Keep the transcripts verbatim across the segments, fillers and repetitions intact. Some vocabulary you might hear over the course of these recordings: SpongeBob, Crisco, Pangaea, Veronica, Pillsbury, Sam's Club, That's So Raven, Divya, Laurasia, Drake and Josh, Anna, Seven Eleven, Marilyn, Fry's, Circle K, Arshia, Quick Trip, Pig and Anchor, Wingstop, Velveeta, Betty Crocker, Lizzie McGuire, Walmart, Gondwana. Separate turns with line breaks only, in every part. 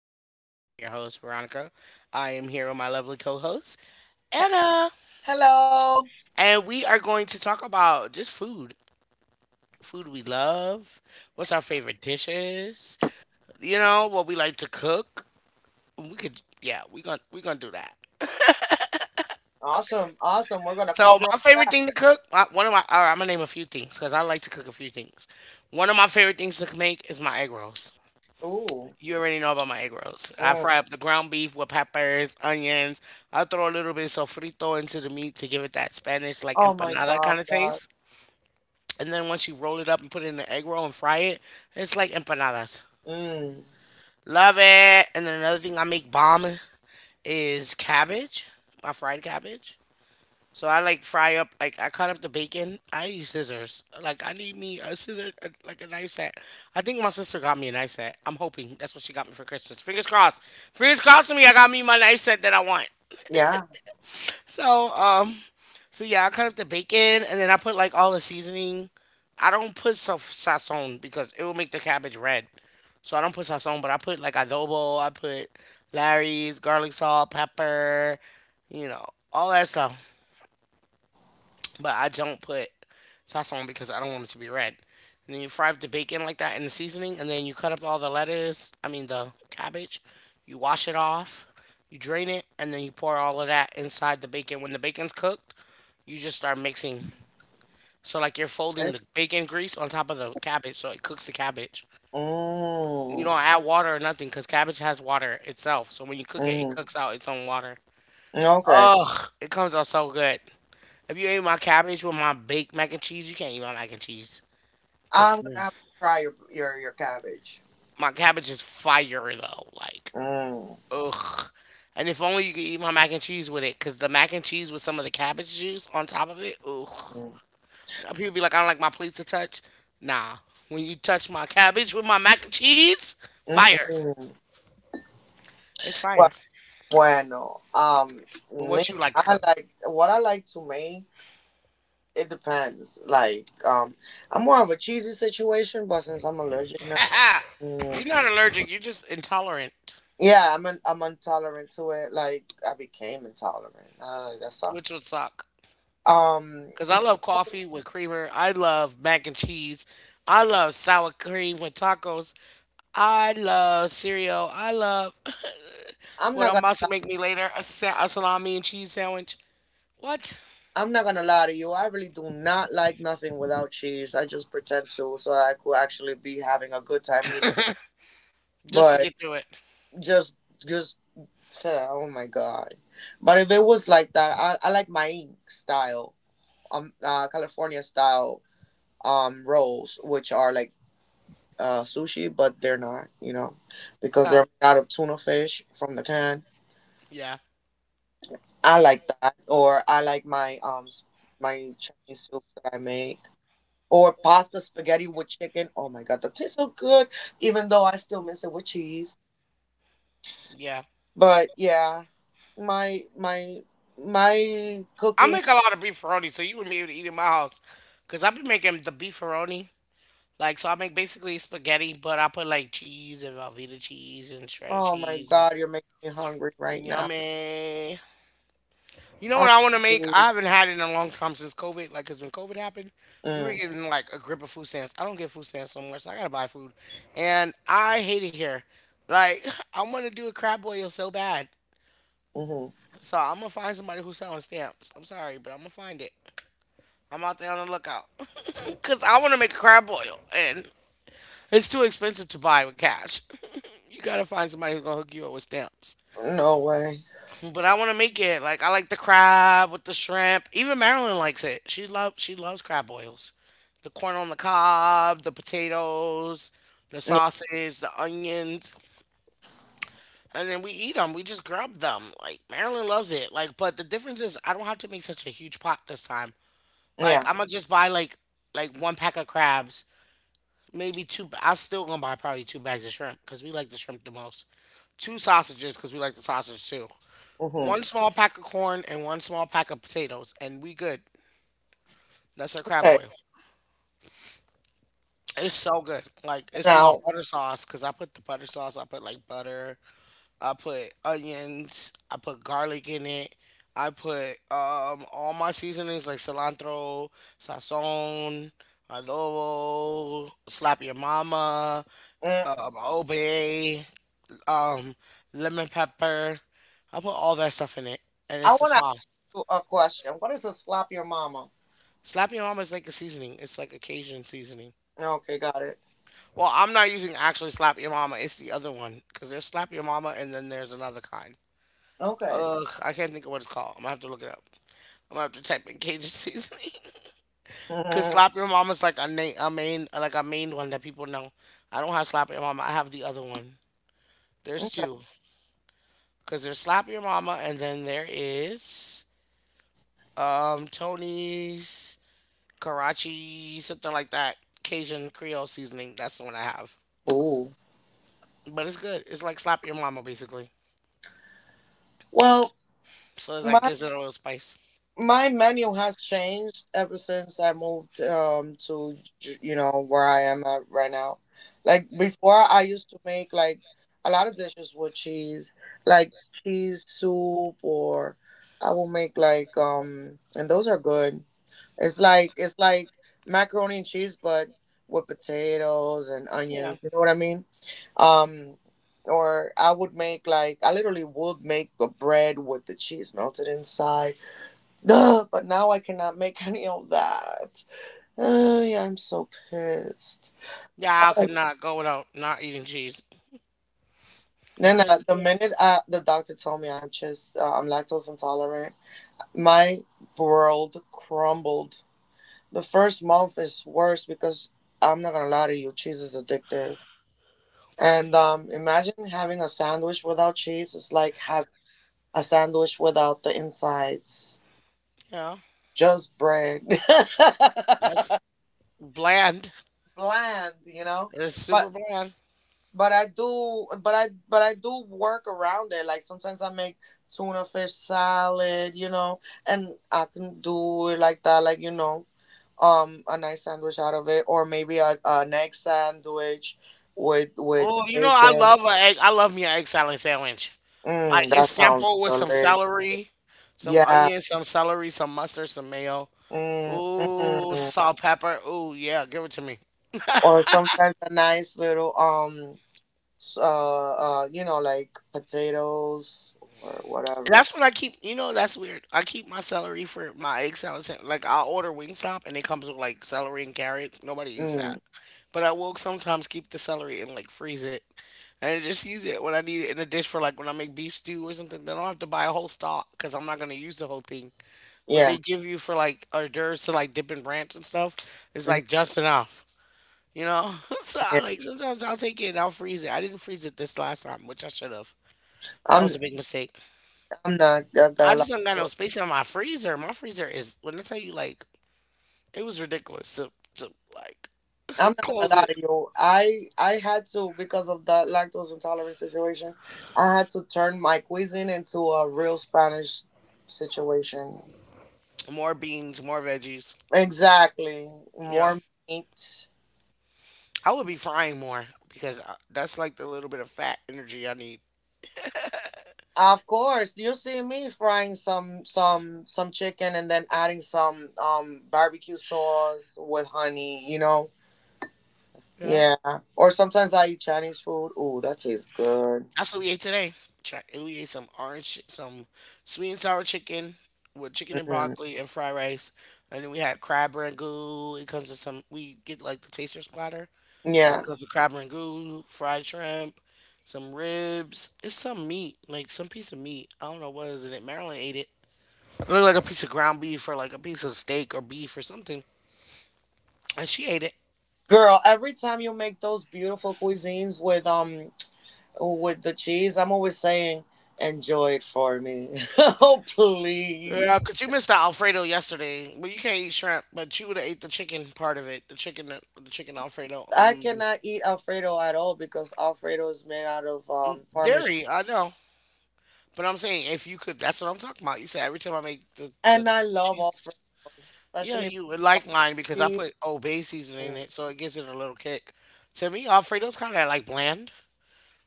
podcast. I'm your host, Veronica. I am here with my lovely co host,
Eh,
Anna.
Hello.
And we are going to talk about just food food we love, what's our favorite dishes, you know, what we like to cook. We could, yeah, we're going to we are gonna do that.
Awesome. Awesome. We're going to
So,
cover
my
all
favorite
that.
thing to cook, uh, one of my, all right, I'm going to name a few things because I like to cook a few things. One of my favorite things to make is my egg rolls.
Ooh.
You already know about my egg rolls. I
Mm.
fry up the ground beef with peppers, onions. I throw a little bit of sofrito into the meat to give it that Spanish like
Oh my
empanada
God.
kind of
God.
taste. And then once you roll it up and put it in the egg roll and fry it, it's like empanadas.
Mm.
Love it. And then another thing I make bomb is cabbage, my fried cabbage. So I like fry up, like I cut up the bacon. I use scissors. Like I need me a scissor, a, like a knife set. I think my sister got me a knife set. I'm hoping that's what she got me for Christmas. Fingers crossed. Fingers crossed for me. I got me my knife set that I want.
Yeah.
So um, so yeah, I cut up the bacon and then I put like all the seasoning. I don't put sa- sazon because it will make the cabbage red. So I don't put sazon, but I put like adobo. I put Larry's garlic salt, pepper, you know, all that stuff, but I don't put sauce on because I don't want it to be red. And then you fry up the bacon like that in the seasoning, and then you cut up all the lettuce, I mean the cabbage, you wash it off, you drain it, and then you pour all of that inside the bacon. When the bacon's cooked, you just start mixing. So like you're folding
Eh?
the bacon grease on top of the cabbage, so it cooks the cabbage. You
Mm.
don't add water or nothing because cabbage has water itself. So when you cook it, it
Mm.
cooks out its own water.
Okay.
Ugh, it comes out so good. If you ate my cabbage with my baked mac and cheese, you can't eat my mac and cheese. Cause
I'm going to
mm,
have to try your your, your cabbage.
my cabbage is fire though. Like,
Mm.
ugh. And if only you could eat my mac and cheese with it, cause the mac and cheese with some of the cabbage juice on top of it, ugh.
Mm.
You know, people be like, I don't like my plates to touch. Nah, when you touch my cabbage with my mac and cheese, fire.
Mm-mm.
It's fire.
Well, bueno. Um,
But
me,
what you like to
I
cook?
like what I like to make. It depends. Like, um, I'm more of a cheesy situation, but since I'm allergic
You're
now.
not allergic. You're just intolerant,
Yeah, I'm an, I'm intolerant to it. Like I became intolerant. Uh, that sucks.
which would suck.
Um,
Because I love coffee with creamer. I love mac and cheese. I love sour cream with tacos. I love cereal. I love
I'm
what
not
I'm
gonna
about to
li-
make me later a, sa- a salami and cheese sandwich. What?
I'm not gonna lie to you. I really do not like nothing without cheese. I just pretend to so I could actually be having a good time eating.
Just to
But
get through it.
just just uh, oh my god. But if it was like that, I, I like my style um uh California style um rolls, which are like uh sushi, but they're not. You know, because
Oh,
they're made out of tuna fish from the can.
yeah.
I like that, or I like my um s- my Chinese soup that I make, or pasta spaghetti with chicken. Oh my god, that tastes so good. Even though I still miss it with cheese,
Yeah.
but yeah, my my my
I
cooking.
make a lot of beefaroni, so you wouldn't be able to eat in my house. Because I've been making the beefaroni. Like, so I make basically spaghetti, but I put like cheese and Velveeta cheese and shredded
Oh my
cheese and
god, you're making me hungry right now.
yummy. You know
I
what I want to make?
Mm,
I haven't had it in a long time since COVID. Like, cause when COVID happened, we were getting like a grip of food stamps. I don't get food stamps so much, so I gotta buy food, and I hate it here. Like, I want to do a crab boil so bad.
mm-hmm.
So I'm gonna find somebody who's selling stamps. I'm sorry, but I'm gonna find it. I'm out there on the lookout, cause I want to make a crab boil, and it's too expensive to buy with cash. You gotta find somebody who's gonna hook you up with stamps.
No way.
But I want to make it like I like the crab with the shrimp. Even Marilyn likes it. She loves she loves crab boils, the corn on the cob, the potatoes, the
Yeah,
sausage, the onions, and then we eat them. We just grub them. Like Marilyn loves it. Like, but the difference is I don't have to make such a huge pot this time. Like
yeah.
I'm gonna just buy like like one pack of crabs, maybe two. I'm still gonna buy probably two bags of shrimp because we like the shrimp the most. Two sausages because we like the sausage too.
Mm-hmm.
One small pack of corn and one small pack of potatoes, and we good. That's our crab
Okay,
boil. It's so good. Like it's my
now
butter sauce because I put the butter sauce. I put like butter. I put onions. I put garlic in it. I put um all my seasonings like cilantro, sazon, adobo, slap your mama,
mm,
um, obey, um, lemon pepper. I put all that stuff in it, and
I
it's the
want to ask
sauce.
you a question. What is a slap your mama?
Slap Your Mama is like a seasoning. It's like a Cajun seasoning.
Okay, got it.
Well, I'm not using actually Slap Your Mama. It's the other one because there's Slap Your Mama and then there's another kind.
Okay.
Ugh, I can't think of what it's called. I'm gonna have to look it up. I'm gonna have to type in Cajun seasoning. Cause Slap Your Mama is like a, na- a main, like a main one that people know. I don't have Slap Your Mama. I have the other one. There's two. Cause there's Slap Your Mama and then there is um Tony's Karachi something like that Cajun Creole seasoning. That's the one I have.
Oh.
But it's good. It's like slap your mama basically.
Well,
So it's like
my
gives it a little spice.
my menu has changed ever since I moved um to J- you know where I am at right now. Like before I used to make like a lot of dishes with cheese, like cheese soup or I will make like um and those are good. It's like it's like macaroni and cheese but with potatoes and
Yeah.
onions, you know what I mean? Um, or I would make like I literally would make a bread with the cheese melted inside. Duh, but now I cannot make any of that. Uh, yeah, I'm so pissed.
Yeah, I could not go without not eating cheese. I
Then uh,
couldn't do
the
it.
minute uh, the doctor told me I'm just uh, I'm lactose intolerant, my world crumbled. The first month is worse because I'm not gonna lie to you, cheese is addictive. And um, imagine having a sandwich without cheese. It's like having a sandwich without the insides,
Yeah.
just bread,
That's bland.
bland, you know.
It's
But
super bland.
but I do but I but I do work around it. Like sometimes I make tuna fish salad, you know, and I can do it like that, like you know, um, a nice sandwich out of it, or maybe a, an egg sandwich with with
Oh, you know I
bacon.
love a egg. I love me an egg salad sandwich. Like
Mm, that
it's
sounds
simple with some
delicious.
celery, some
Yeah.
onion, some celery, some mustard, some mayo.
Mm,
Ooh,
mm.
salt, pepper. Ooh, yeah, give it to me.
Or sometimes a nice little um s- uh, uh, you know, like potatoes or whatever.
That's what I keep. You know, that's weird. I keep my celery for my egg salad. sa- Like I'll order Wingstop and it comes with like celery and carrots. Nobody eats
Mm,
that, but I will sometimes keep the celery and like freeze it, and I just use it when I need it in a dish for like when I make beef stew or something. Then I don't have to buy a whole stock because I'm not gonna use the whole thing. What they
yeah,
give you for like hors d'oeuvres to like dip in ranch and stuff is
mhm,
like just enough. You know, so
yeah.
I, like sometimes I'll take it and I'll freeze it. I didn't freeze it this last time, which I should have. That
I'm,
was a big mistake.
I'm not uh, gonna
I
lie to
just don't got no
you.
space in my freezer. My freezer is when I tell you like it was ridiculous to to like
I'm not gonna
close it.
lie to you. I, I had to because of that lactose intolerant situation. I had to turn my cuisine into a real Spanish situation.
More beans, more veggies.
Exactly,
Yeah,
more meat.
I would be frying more because I, that's like the little bit of fat energy I need.
Of course, you see me frying some some some chicken and then adding some um barbecue sauce with honey, you know.
Yeah,
Yeah. Or sometimes I eat Chinese food. Ooh, that tastes good.
that's what we ate today. Chi- We ate some orange, chi- some sweet and sour chicken with chicken and
Mm.
broccoli and fried rice, and then we had crab ragout. It comes with some. We get like the taster splatter. And
Yeah.
it comes with crab rangoon, fried shrimp, some ribs. It's some meat, like some piece of meat. I don't know what is it. Marilyn ate it. It looked like a piece of ground beef or like a piece of steak or beef or something, and she ate it.
Girl, every time you make those beautiful cuisines with um with the cheese, I'm always saying, enjoy it for me. Oh
Yeah,
please.
cause you missed the Alfredo yesterday. Well, you can't eat shrimp, but you would have ate the chicken part of it. The chicken, the chicken Alfredo.
I
Um,
cannot eat Alfredo at all because Alfredo is made out of um parmesan.
dairy, I know, but I'm saying if you could, that's what I'm talking about. You said every time I make the the
And I love Alfredo,
cheese. Yeah,
especially
you would like mine because I
cheese.
put old bay seasoning in it, so it gives it a little kick. To me, Alfredo's kind of like bland,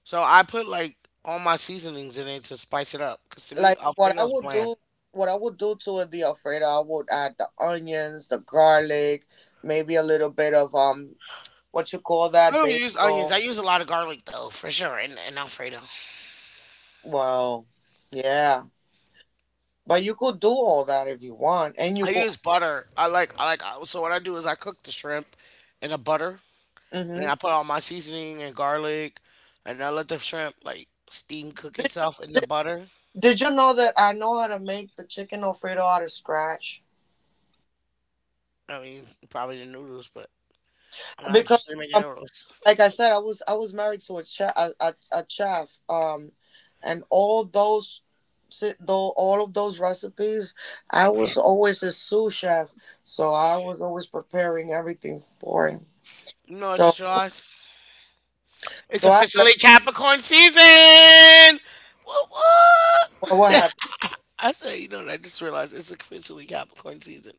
so I put like all my seasonings in it to spice it up. Because to me,
Like what
Alfredo
I
is
would
bland.
do what I would do to the Alfredo, I would add the onions, the garlic, maybe a little bit of um what you call
I
that
don't use onions. I
basil.
use a lot of garlic though, for sure, in, in Alfredo.
Well, yeah. But you could do all that if you want and you
I
could.
use butter. I like I like uh, so what I do is I cook the shrimp in the butter, and then
Hmm.
I put all my seasoning and garlic, and I let the shrimp like steam cook
Did,
itself in the butter.
did you know that I know how to make the chicken Alfredo out of scratch?
I mean, probably the noodles, but I'm not
Because
interested in making
um,
noodles.
like I said, I was I was married to a chef, a, a, a chef, um, and all those, si- though all of those recipes, I was always a sous chef, so I was always preparing everything for him.
No, I
So
just realized it's
so I learned
officially Capricorn season. What?
well, what
What?
happened.
I said, you know, what, I just realized it's officially Capricorn season.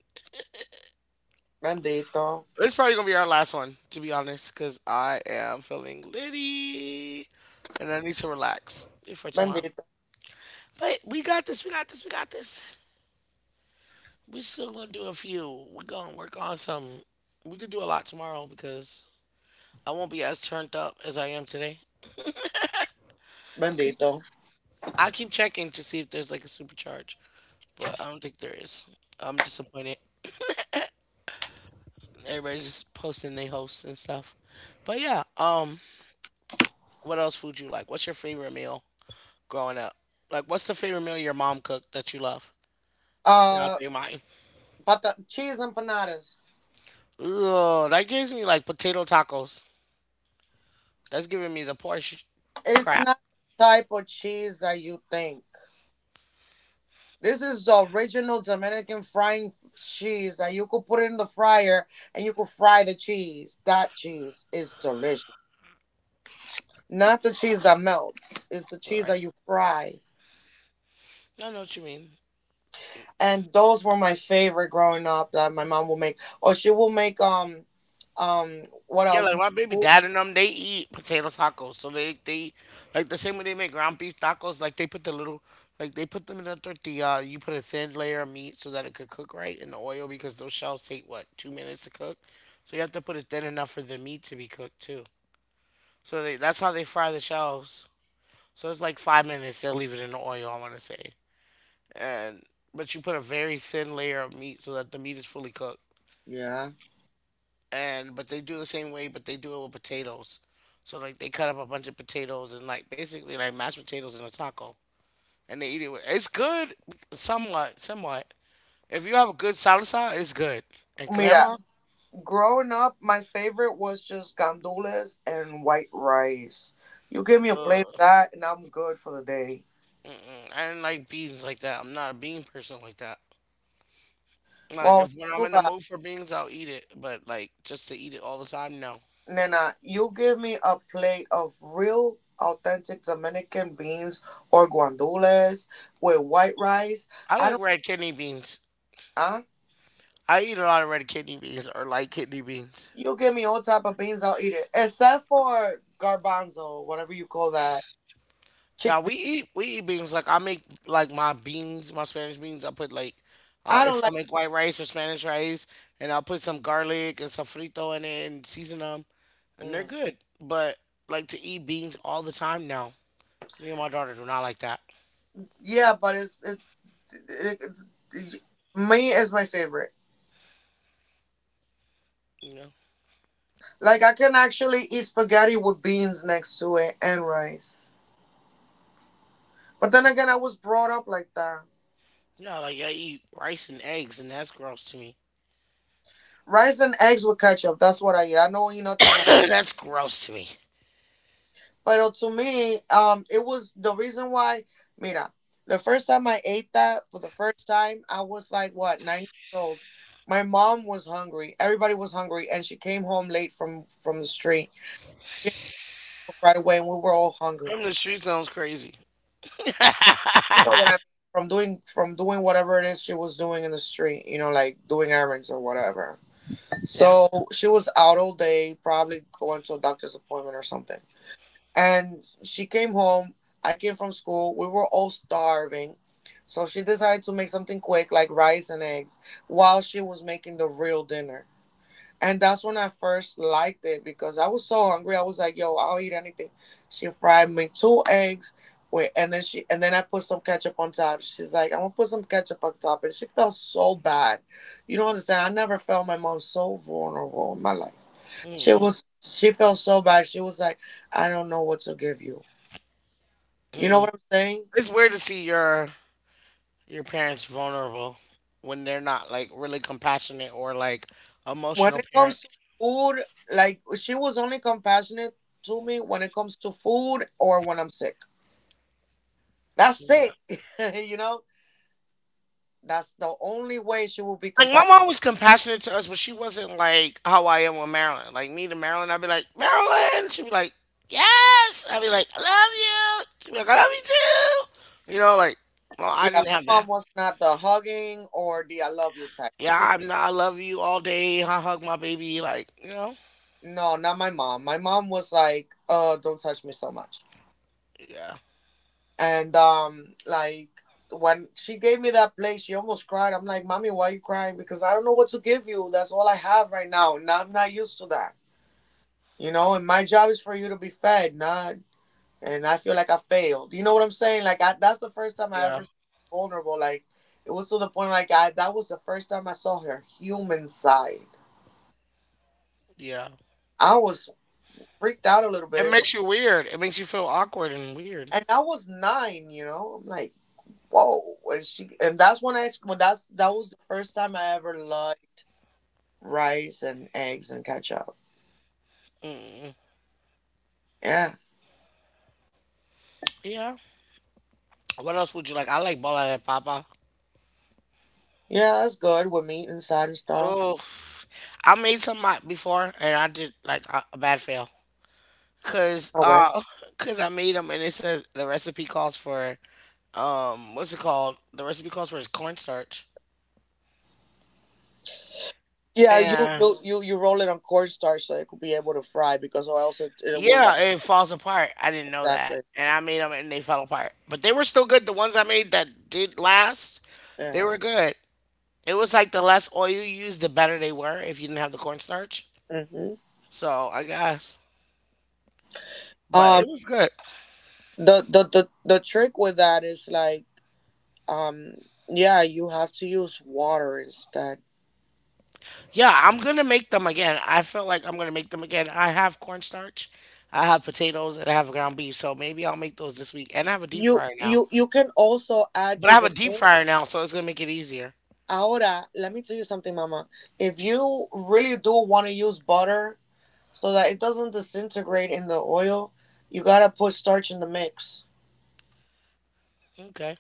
Bendito,
It's probably gonna be our last one, to be honest, because I am feeling litty, and I need to relax before tomorrow.
bendito,
But we got this. We got this. We got this. We still gonna do a few. We're gonna work on some. We could do a lot tomorrow because I won't be as turned up as I am today. Cause
bendito.
I keep checking to see if there's like a supercharge, but I don't think there is. I'm disappointed. Everybody's just posting their hosts and stuff. But yeah, um, what else food you like? What's your favorite meal growing up? Like, what's the favorite meal your mom cooked that you love? Yeah, I'll
Uh,
tell you mine.
but the cheese empanadas.
Ugh, that gives me like potato tacos. That's giving me the Porsche
It's
crap.
not the type of cheese that you think. This is the original Dominican frying cheese that you could put in the fryer and you could fry the cheese. That cheese is delicious. Not the cheese that melts, it's the
All
cheese
right.
that you fry.
I know what you mean.
And those were my favorite growing up that my mom will make. Or she will make um um what
Yeah,
else?
like my baby dad and them, they eat potato tacos. So they they like the same way they make ground beef tacos. Like they put the little, like they put them in a tortilla. You put a thin layer of meat so that it could cook right in the oil because those shells take, what, two minutes to cook? So you have to put it thin enough for the meat to be cooked too. So they, that's how they fry the shells. So it's like five minutes. They'll leave it in the oil, I want to say, and but you put a very thin layer of meat so that the meat is fully cooked.
Yeah.
And but they do the same way, but they do it with potatoes. So like they cut up a bunch of potatoes and like basically like mashed potatoes in a taco, and they eat it with. It's good, somewhat, somewhat. If you have a good salsa, it's good. And
Mira,
crema,
growing up, my favorite was just gandules and white rice. You give me a plate of
ugh,
that, and I'm good for the day.
mm-mm. I didn't like beans like that. I'm not a bean person like that. Like
Well,
if when I'm
too
in the
bad.
mood for beans, I'll eat it, but like just to eat it all the time, no.
Nana, you give me a plate of real authentic Dominican beans or guandules with white rice.
I
I
like
don't.
red kidney beans.
uh
I eat a lot of red kidney beans or light kidney beans.
you give me all type of beans, I'll eat it. Except for garbanzo, whatever you call that.
Yeah,
Chickpea.
we eat we eat beans. Like I make like my beans, my Spanish beans. I put like uh,
I don't
if I
like,
make white rice or Spanish rice, and I'll put some garlic and some frito in it and season them, and they're
mm.
good. But like to eat beans all the time now, me and my daughter do not like that.
Yeah, but it's it, it, it me is my favorite.
You know,
Like I can actually eat spaghetti with beans next to it and rice. But then again I was brought up like that.
no, like I eat rice and eggs, and that's gross to me.
Rice and eggs with ketchup. That's what I eat. I don't eat nothing.
That's gross to me.
But to me, um, it was the reason why. Mira, the first time I ate that for the first time, I was like, what, nine years old. My mom was hungry. Everybody was hungry, and she came home late from from the street. She came right away, and we were all hungry.
From the street sounds crazy.
You know what I mean? From doing from doing whatever it is she was doing in the street, you know, like doing errands or whatever.
Yeah.
So she was out all day, probably going to a doctor's appointment or something. And she came home. I came from school. We were all starving. So she decided to make something quick, like rice and eggs, while she was making the real dinner. And that's when I first liked it because I was so hungry. I was like, yo, I'll eat anything. She fried me two eggs. Wait, and then she and then I put some ketchup on top. She's like, I'm gonna put some ketchup on top. And she felt so bad. You don't understand. I never felt my mom so vulnerable in my life. She
Mm-mm,
was she felt so bad. She was like, I don't know what to give you. You know
mm-mm.
what I'm saying?
It's weird to see your your parents vulnerable when they're not like really compassionate or like
When
emotional
it comes to
parents.
food, like she was only compassionate to me when it comes to food or when I'm sick. That's
Yeah.
it. You know? That's the only way she will be
Like my
compassionate.
mom was compassionate to us, but she wasn't like how I am with Marilyn. Like me to Marilyn, I'd be like, Marilyn. She'd be like, yes. I'd be like, I love you. She'd be like, I love you too. You know, like, well, I
Yeah,
didn't
my
have that.
mom was not the hugging or the I love you type. It
Yeah,
was
I'm not, I love you all day. I hug my baby. Like, you know,
no, not my mom. My mom was like, uh, don't touch me so much.
yeah,
And um like when she gave me that plate, she almost cried. I'm like, Mommy, why are you crying? Because I don't know what to give you. That's all I have right now. Now I'm not used to that. You know, and my job is for you to be fed, not. And I feel like I failed. You know what I'm saying? Like I, that's the first time I
yeah,
ever s- vulnerable. Like it was to the point like I that was the first time I saw her human side.
yeah.
I was freaked out a little
It
bit, but,
makes you weird. It makes you feel awkward and weird.
and I was nine. You know, I'm like whoa. And she and that's when I when that's that was the first time I ever liked rice and eggs and ketchup.
Mm-mm.
Yeah,
Yeah. What else would you like? I like bola de papa.
yeah, that's good with meat inside and stuff.
Oh, I made some uh, before and I did like a, a bad fail. Cause
No way.
uh, cause I made them and it says the recipe calls for um, what's it called? The recipe calls for is cornstarch.
Yeah, you
And
you you you roll it on cornstarch so it could be able to fry because or else it, it will like
yeah, it falls apart. I didn't know that,
exactly.
and I made them and they fell apart. But they were still good. The ones I made that did last, they
Yeah.
were good. It was like the less oil you used, the better they were if you didn't have the cornstarch.
Hmm.
So I guess, but
Um.
it was good.
The, the the the trick with that is like um. Yeah, you have to use water instead.
Yeah, I'm gonna make them again. I feel like I'm gonna make them again. I have cornstarch, I have potatoes, and I have ground beef. So maybe I'll make those this week. And I have a deep
You
fryer now.
you you can also add
But I
to
have a
the
deep
mix.
fryer now, so it's gonna make it easier.
Ahora, let me tell you something, Mama. If you really do want to use butter so that it doesn't disintegrate in the oil, you gotta put starch in the mix.
Okay.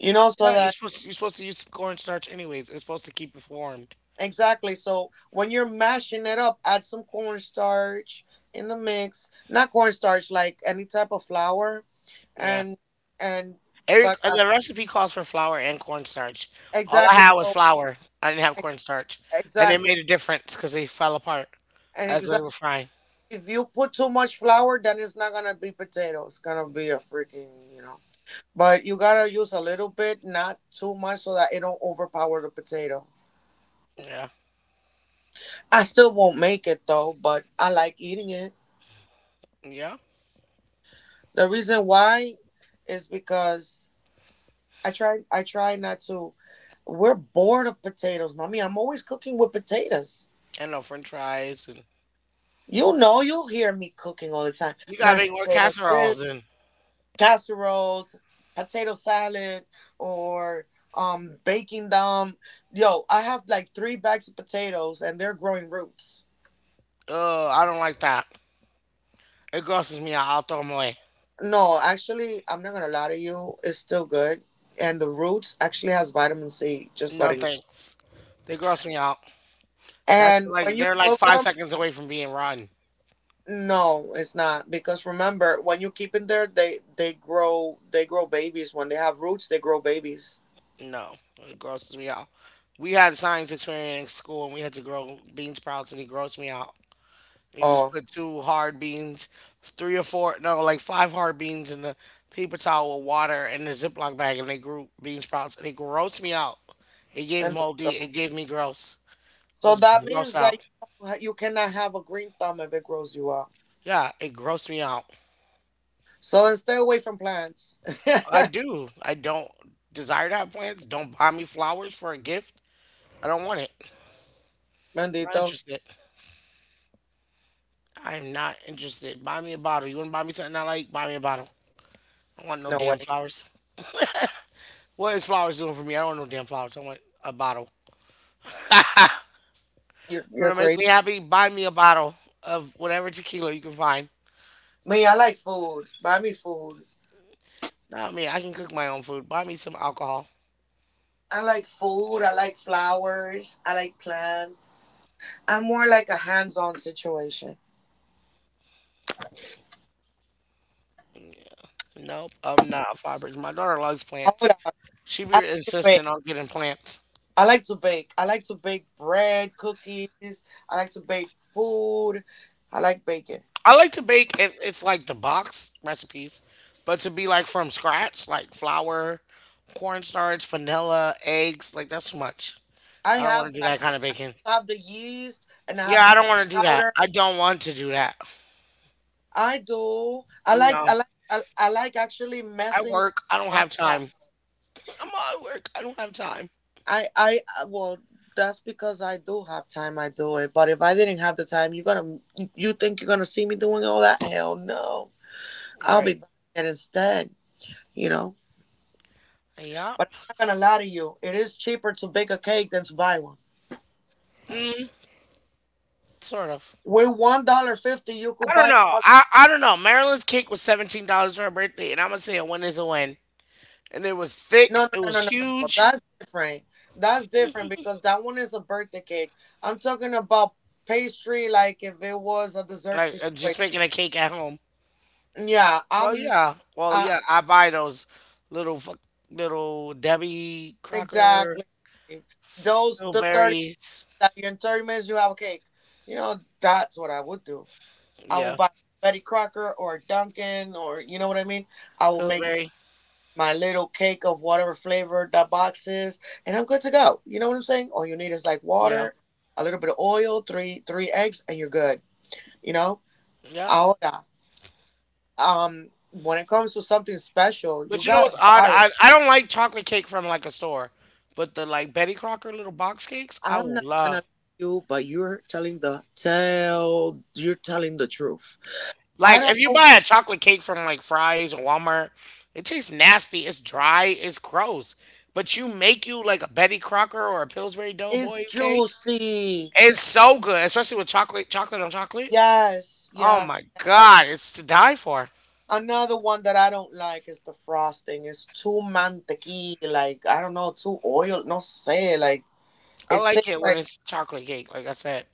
You know, so
Yeah, you're
that.
supposed you're supposed to use cornstarch anyways. It's supposed to keep it formed.
Exactly. So when you're mashing it up, add some cornstarch in the mix. Not cornstarch, like any type of flour,
Yeah.
and and
Every
but
uh, the
as,
recipe calls for flour and cornstarch. All I
exactly.
had was
So
flour. I didn't have
e-
cornstarch, and it
exactly
made a difference because they fell apart
and
as they
exactly.
were frying.
If you put too much flour, then it's not gonna be potato. It's gonna be a freaking you know. But you gotta use a little bit, not too much, so that it don't overpower the potato.
Yeah.
I still won't make it though, but I like eating it.
Yeah.
The reason why is because I try I try not to. We're bored of potatoes, mommy. I'm always cooking with potatoes.
And no French fries and
You know, you'll hear me cooking all the time.
you gotta
Mashed
make more
potatoes, this,
casseroles and
casseroles, potato salad, or um baking them. Yo, I have like three bags of potatoes and they're growing roots.
oh, I don't like that. It grosses me out. I'll throw them away.
No, actually, I'm not gonna lie to you, it's still good. And the roots actually has vitamin C, just
No
letting you.
thanks. They gross me out. That's
And
like
when you
they're like
cook
five
them,
seconds away from being rotten.
no, it's not because remember when you keep in there, they they grow they grow babies when they have roots. They grow babies.
No, it grosses me out. We had a science experiment in school and we had to grow bean sprouts and it grossed me out. You just
Oh,
put two hard beans, three or four, no, like five hard beans in a paper towel with water and a Ziploc bag and they grew bean sprouts and it grossed me out. It gave
and they
moldy,
grow.
it gave me gross. I
So
was
that
gross
means that
out.
you don't ha- you cannot have a green thumb if it grows you up.
Yeah, it grossed me out.
So then stay away from plants.
I do. I don't desire to have plants. Don't buy me flowers for a gift. I don't want it. Not
Bendito,
interested. I'm not interested. Buy me a bottle. You want to buy me something I like? Buy me a bottle. I don't want no
no way.
damn flowers. What is flowers doing for me? I don't want no damn flowers. I want a bottle.
You're
You want
you're
to make
crazy.
me happy? Buy me a bottle of whatever tequila you can find.
Me, I like food. Buy me food.
Not me. I can cook my own food. Buy me some alcohol.
I like food. I like flowers. I like plants. I'm more like a hands-on situation.
Yeah. Nope, I'm not a flower person. My daughter loves plants.
Ahora, I
She be
like to bake.
insisting on getting plants.
I like to bake. I like to bake bread, cookies. I like to bake food. I like baking.
I like to bake if if like the box recipes, but to be like from scratch, like flour, cornstarch, vanilla, eggs, like that's too much.
I
I don't
have
want to do
that.
that kind of baking.
I have the yeast and I have
Yeah,
the
I
baking
don't want to do that.
powder.
I don't want to do that.
I do. I like.
No,
I like. I, I like actually
I
messing with
work. I don't have
masa.
time. I'm at work. I don't have time.
I. I. uh, Well, that's because I do have time. I do it. But if I didn't have the time, you're gonna. You think you're gonna see me doing all that? Hell no. I'll be
Right.
buying it instead. You know.
Yup.
But I'm not gonna lie to you. It is cheaper to bake a cake than to buy one.
Sort of.
With one dollar fifty, you could
I don't
buy
know.
a
I, I don't know. Marilyn's cake was seventeen dollars for her birthday, and I'm gonna say a win is a win. And it was thick.
no, no,
It
no, no,
was
no, no, no.
huge.
That's different. That's different because that one is a birthday cake. I'm talking about pastry, like if it was a dessert
Like uh,
situation.
just making a cake at home.
Yeah,
Well,
I'm.
yeah. Well,
Uh,
yeah. I buy those little fuck, little Debbie Crocker
exactly. Those the thirty
Pillberries.
that in thirty minutes you have a cake. You know that's what I would do. I will
Yeah,
buy Betty Crocker or Dunkin', or you know what I mean. I will make
Pillberry.
my little cake of whatever flavor that box is, and I'm good to go. You know what I'm saying? All you need is like
Yeah,
water, a little bit of oil, three three eggs, and you're good. You know?
yeah.
Ahora, um, when it comes to something special, you
But you know
gotta
what's odd?
buy it.
I I don't like chocolate cake from like a store, but the like Betty Crocker little box cakes, I
I'm
will
not gonna
love.
lie to you, but you're telling the tell. You're telling the truth. I
Like if
don't
you
know.
buy a chocolate cake from like Fry's or Walmart, it tastes nasty. It's dry. It's gross. But you make you like a Betty Crocker or a Pillsbury
It's
Doughboy cake.
juicy.
It's so good, especially with chocolate, chocolate on chocolate.
Yes,
Oh
yes,
my
yes.
god, it's to die for.
Another one that I don't like is the frosting. It's too mantequilla, like I don't know, too oil. No say, like
I
it
like
tastes
it when
like
it's chocolate cake, like I said,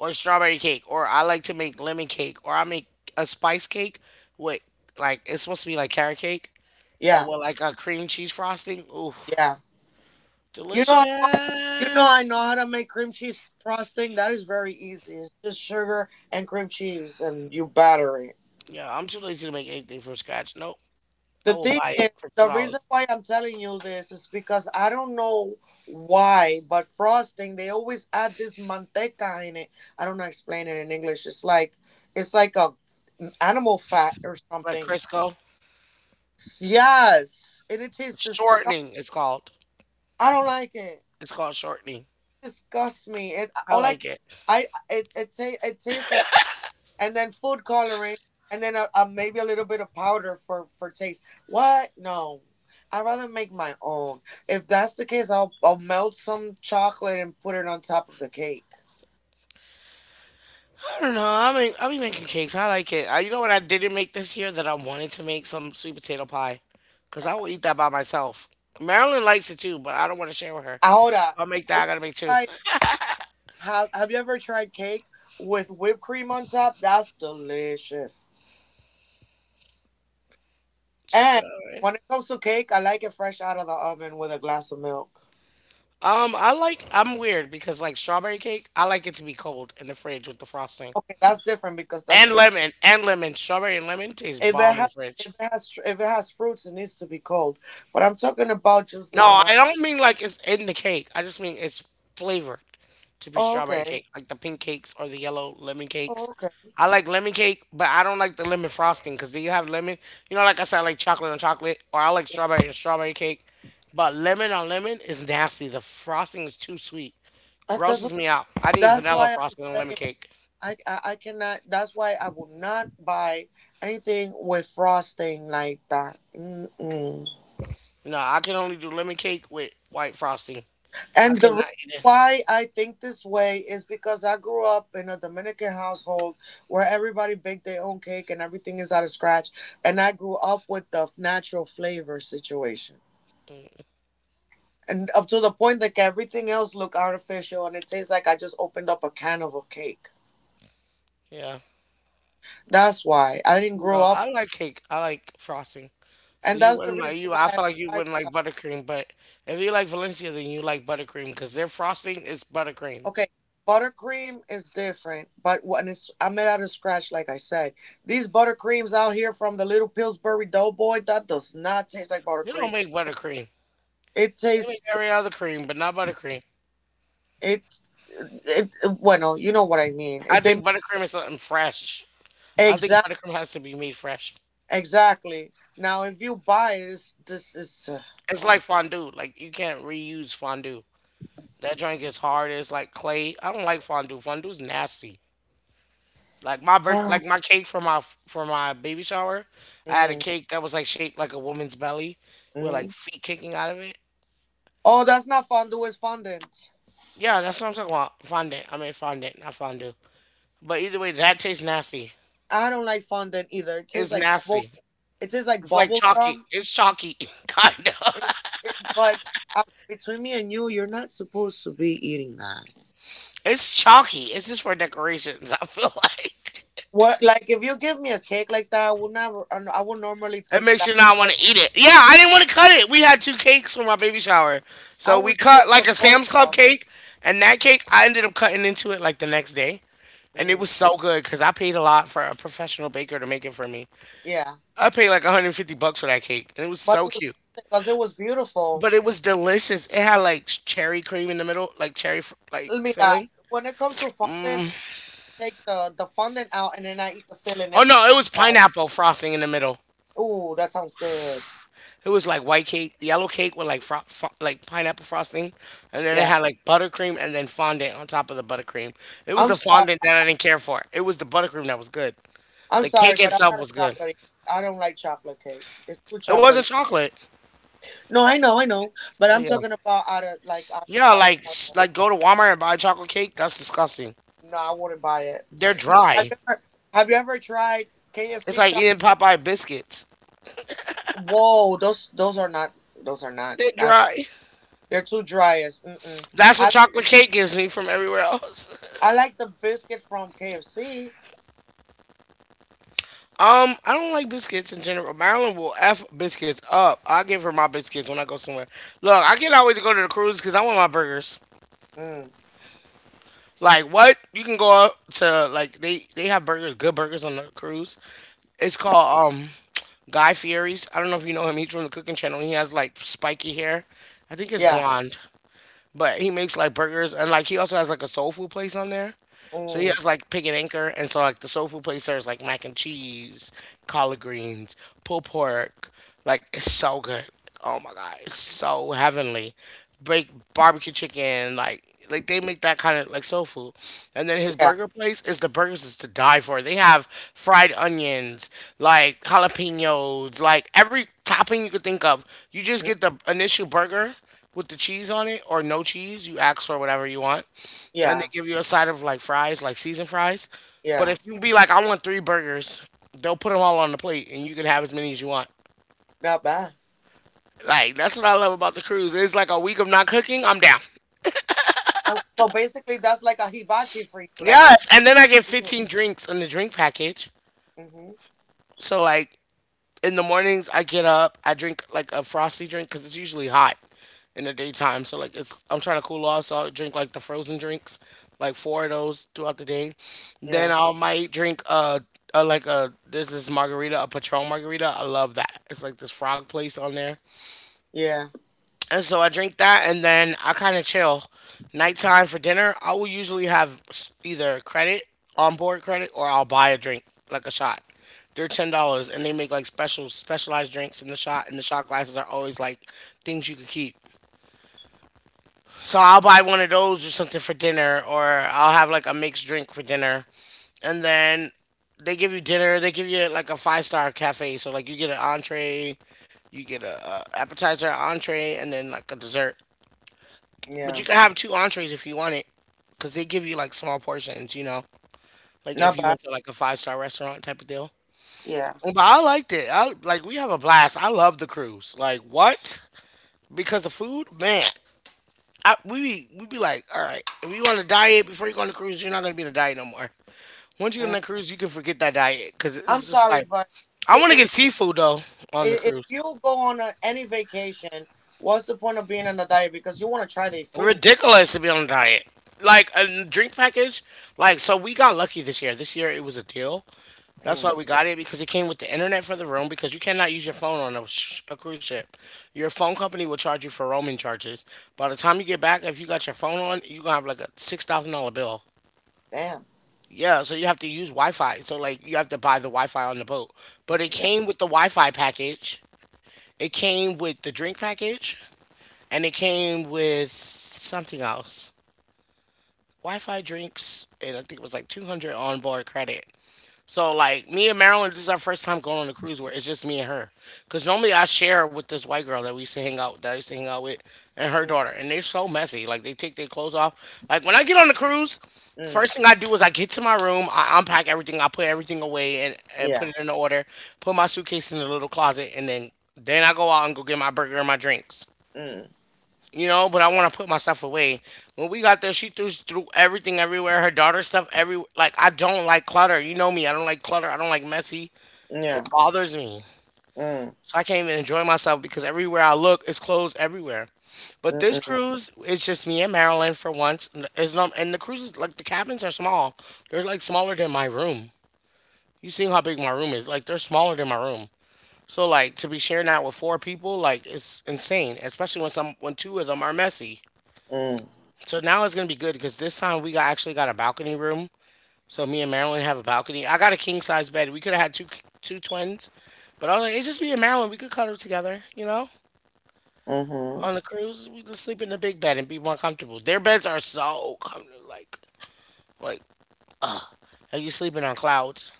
or strawberry cake, or I like to make lemon cake, or I make a spice cake with, like it's supposed to be like carrot cake, but
yeah,
with like a cream cheese frosting. Ooh,
yeah. You know, I know- you know, I
delicious.
know how to make cream cheese frosting. That is very easy. It's just sugar and cream cheese, and you batter it.
Yeah, I'm too lazy to make anything from scratch. Nope, I
The
will
thing
buy it
is,
for two
the reason
dollars.
why I'm telling you this is because I don't know why, but frosting they always add this manteca in it. I don't know how to explain it in English. It's like it's like a mm, animal fat or
Like
something.
Crisco,
Yes, and it tastes disgusting.
shortening. It's called.
I don't like it.
It's called shortening.
It disgusts me. It
I
all
like
like
it.
I it it, ta- it tastes like, and then food coloring, and then a, a, maybe a little bit of powder for for taste. What? No, I would rather make my own. If that's the case, I'll I'll melt some chocolate and put it on top of the cake.
I don't know. I mean, I'll be making cakes. I like it. I, you know what I didn't make this year that I wanted to make, some sweet potato pie, cause I will eat that by myself. Marilyn likes it too, but I don't want to share with her. If
Ahora,
I make that,
have you
I gotta make two.
tried have have you ever tried cake with whipped cream on top? That's delicious. And
Strawberry.
when it comes to cake, I like it fresh out of the oven with a glass of milk.
Um, I like. I'm weird because like strawberry cake, I like it to be cold in the fridge with the frosting
Okay, that's different because that's
and
dry.
lemon and lemon. Strawberry and lemon tastes
If it
bomb in
has
the
if
fridge.
it has if it has fruits, it needs to be cold. But I'm talking about just la
No,
masa.
I don't mean like it's in the cake. I just mean it's flavored to be
Oh,
strawberry
okay.
cake, like the pink cakes or the yellow lemon
Oh,
cakes.
okay.
I like lemon cake, but I don't like the lemon frosting because you have lemon. You know, like I said, I like chocolate on chocolate, or I like strawberry on strawberry cake. But lemon on lemon is nasty. The frosting is too sweet.
That, that's
Grosses me out. I need
that's
vanilla
why I'm
frosting on lemon
saying
cake.
I, I I cannot. That's why I will not buy anything with frosting like that. Mm-mm.
No, I can only do lemon cake with white frosting. I
And the
cannot
reason
eat it.
why I think this way is because I grew up in a Dominican household where everybody baked their own cake and everything is out of scratch, and I grew up with the natural flavor situation, and up to the point like everything else look artificial and it tastes like I just opened up a can of a cake.
Yeah.
That's why I didn't grow
No,
up,
I like cake. I like frosting. So
and
you
that's the
wouldn't like
reason
you.
why
I
I
feel like you
don't like.
wouldn't like buttercream, but if you like Valencia, then you like buttercream because their frosting is buttercream.
Okay, buttercream is different, but when it's I made out of scratch, like I said, these buttercreams out here from the little Pillsbury Doughboy that does not taste like
They don't
buttercream.
make buttercream.
It
They make
tastes
every other cream, but not buttercream.
it it bueno, you know what I mean,
I
it they
think buttercream is something fresh. I think
exact
buttercream has to be made fresh.
exactly. Now if you buy this, this is
It's
uh,
like fondue. Like you can't reuse fondue. That joint gets hard. It's like clay. I don't like fondue. Fondue's nasty. Like my birth,
oh,
like my cake for my for my baby shower, I had a
Mhm.
cake that was like shaped like a woman's belly, with like
Mhm.
feet kicking out of it.
Oh, that's not fondue. It's fondant.
Yeah, that's what I'm talking about. Fondant. I mean fondant, not fondue. But either way, that tastes nasty.
I don't like fondant either. It tastes
It's
like bubble.
nasty.
It tastes like
It's like
bubble
chalky.
gum.
It's chalky, kinda.
It's it, but uh, between me and you, you're not supposed to be eating that.
It's chalky. It's just for decorations. I feel like
What like if you give me a cake like that, I will never. I n- I will normally
it
take
makes
that
you not want
part.
to eat it. Yeah, I didn't want to cut it. We had two cakes for my baby shower,
I
so
would
we
take
cut
the
like a
part
Sam's Club
out.
cake, and that cake I ended up cutting into it like the next day, and it
Mm.
was so good because I paid a lot for a professional baker to make it for me.
Yeah,
I paid like one hundred fifty bucks for that cake, and it was
but
so
it was
cute.
because it was beautiful.
But it was delicious. It had like cherry cream in the middle, like cherry fr- like
Mira,
filling.
when it comes to fondant, I take the the fondant out and then I eat the filling
Oh
every
no, it was
time.
pineapple frosting in the middle.
Ooh, that sounds good.
It was like white cake, yellow cake with like fro- fro- like pineapple frosting, and then it
Yeah.
had like buttercream and then fondant on top of the buttercream. It was
I'm
the
sorry.
fondant that I didn't care for. It was the buttercream that was good.
I'm
The
sorry,
cake
but I'm
itself
not a
was good.
chocolatey. I don't like chocolate cake. It's too
It
chocolatey.
wasn't chocolate.
No, I know, I know, but
Oh
I'm
yeah.
talking about out of like out,
Yeah,
out of the
like s-
contract.
like go to Walmart and buy chocolate cake. That's disgusting.
No, I wouldn't buy it.
They're
Yo, have
dry.
you ever have you ever tried
It's
K F C
like
chocolate?
eating Popeye biscuits.
Whoa, those those are not those are not.
They're
I,
dry.
they're too dry as. Mm-mm.
That's what
I
chocolate cake gives me from everywhere else.
I like the biscuit from K F C.
Um, I don't like biscuits in general. Marilyn will f biscuits up. I give her my biscuits when I go somewhere. Look, I can always go to the cruise because I want my burgers.
Mm,
Like what? You can go out to like they they have burgers, good burgers on the cruise. It's called um Guy Fieri's. I don't know if you know him. He's from the Cooking Channel. He has like spiky hair. I think it's
yeah.
blonde. But he makes like burgers and like he also has like a soul food place on there. So he
Mm,
has like Pig and Anchor, and so like the soul food place serves like mac and cheese, collard greens, pulled pork. Like it's so good. Oh my god, it's so heavenly. Bake barbecue chicken, like like they make that kind of like soul food. And then his
yeah.
burger place is the burgers is to die for. They have fried onions, like jalapenos, like every topping you could think of. You just
Mm,
get the initial burger with the cheese on it or no cheese. You ask for whatever you want, and they
yeah.
give you a side of like fries, like seasoned fries. But
Yeah.
if you be like, I want three burgers, they'll put them all on the plate, and you can have as many as you want.
Not bad.
Like that's what I love about the cruise. It's like a week of not cooking. I'm down.
Uh, So basically, that's like a hibachi for you, like a.
Yes, and then I get fifteen drinks in the drink package.
Mm-hmm.
So like in the mornings I get up, I drink like a frosty drink because it's usually hot in the daytime. So like it's I'm trying to cool off, so I'll drink like the frozen drinks, like four of those throughout the day. Then
Yeah.
I might drink uh, uh like a there's this margarita, a Patron margarita. I love that. It's like this frog place on there.
Yeah,
And so I drink that and then I kind of chill. Nighttime for dinner, I will usually have s- either credit, onboard credit, or I'll buy a drink, like a shot. They're ten dollars and they make like special, specialized drinks in the shot, and the shot glasses are always like things you could keep. So I'll buy one of those or something for dinner, or I'll have like a mixed drink for dinner. And then they give you dinner, they give you like a five star cafe. So like you get an entree, you get a, a appetizer, entree, and then like a dessert. But you
yeah.
can have two entrees if you want it, because they give you like small portions, you know, like if
Not
you
bad.
went to like a five star restaurant type of deal.
Yeah.
But I liked it. I like we have a blast. I love the cruise. Like what? Because of food, man. I, we be, we be like, all right. If you want a diet before you go on the cruise, you're not gonna be on a diet no more. Once you go on
Mm,
the cruise, you can forget that diet because
I'm
it's just
sorry,
like
but
I
I
want
I
to get
I
seafood though on the
if
cruise.
you go on a, any vacation, what's the point of being on a diet? Because you want to try their food.
Ridiculous to be on a diet. Like a drink package. Like so, we got lucky this year. This year it was a deal. That's why
Mm,
we got it because it came with the internet for the room because you cannot use your phone on a, sh- a cruise ship. Your phone company will charge you for roaming charges. By the time you get back, if you got your phone on, you're going to have like a six thousand dollars bill.
damn.
Yeah, so you have to use Wi Fi. So, like, you have to buy the Wi Fi on the boat. But it
Yeah.
came with the Wi Fi package, it came with the drink package, and it came with something else. Wi Fi, drinks, and I think it was like two hundred onboard credit. So like me and Marilyn, this is our first time going on a cruise where it's just me and her. Cause normally I share with this white girl that we used to hang out that I used to hang out with and her
Mm,
daughter. And they're so messy. Like they take their clothes off. Like when I get on the cruise,
mm,
first thing I do is I get to my room, I unpack everything, I put everything away and, and put
yeah.
it in order, put my suitcase in the little closet, and then then I go out and go get my burger and my drinks,
Mm,
you know, but I want to put my stuff away. When we got there, she threw, threw everything everywhere, her daughter's stuff every. Like, I don't like clutter. You know me, I don't like clutter. I don't like messy.
yeah.
It bothers me.
Mm,
So I can't even enjoy myself because everywhere I look, it's clothes everywhere. But
mm,
this
mm,
cruise, it's just me and Marilyn for once. N- It's not, and the cruises, like, the cabins are small. They're, like, smaller than my room. You seen how big my room is. Like, they're smaller than my room. So, like, to be sharing that with four people, like, it's insane, especially when some when two of them are messy.
mm,
So now it's gonna be good because this time we got actually got a balcony room. So me and Marilyn have a balcony. I got a king size bed. We could have had two two twins, but I was like, it's just me and Marilyn. We could cuddle together, you know.
mm-hmm.
On the cruise, we could sleep in the big bed and be more comfortable. Their beds are so comfortable. Like, like, are you sleeping on clouds?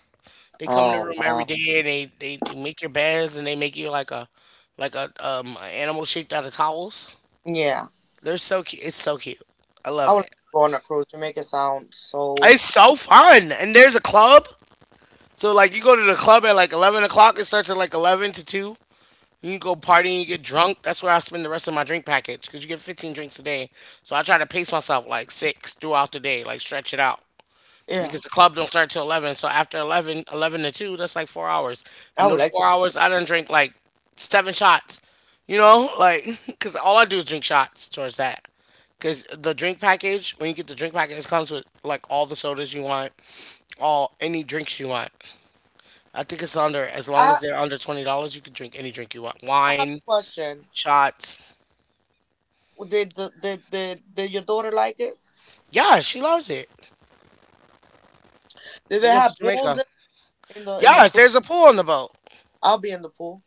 They come in the
Oh,
room every
wow.
day and they, they, they make your beds and they make you like a like a um a animal shaped out of towels.
Yeah.
They're so cute. It's so cute. I
I
love
would like to
it.
go on a cruise to make it sound so.
It's so fun. And there's a club. So like you go to the club at like eleven o'clock. It starts at like eleven to two. You can go party and you get drunk. That's where I spend the rest of my drink package because you get fifteen drinks a day. So I try to pace myself like six throughout the day, like stretch it out
Yeah.
because the club don't start till eleven. So after eleven, eleven to two, that's like four hours.
I
In
would
those
like to.
four hours, I done drink like seven shots. You know, like because all I do is drink shots towards that. Because the drink package, when you get the drink package, it comes with like all the sodas you want, all any drinks you want. I think it's under as long
I,
as they're under twenty dollars, you can drink any drink you want.
I have a
Wine,
question.
shots.
Did, the, did, did, did your daughter like it?
Yeah, she loves it.
Did they
We went to
have
Jamaica.
pools in the in the
Yes,
crew?
there's a pool on the boat.
I'll be in the pool.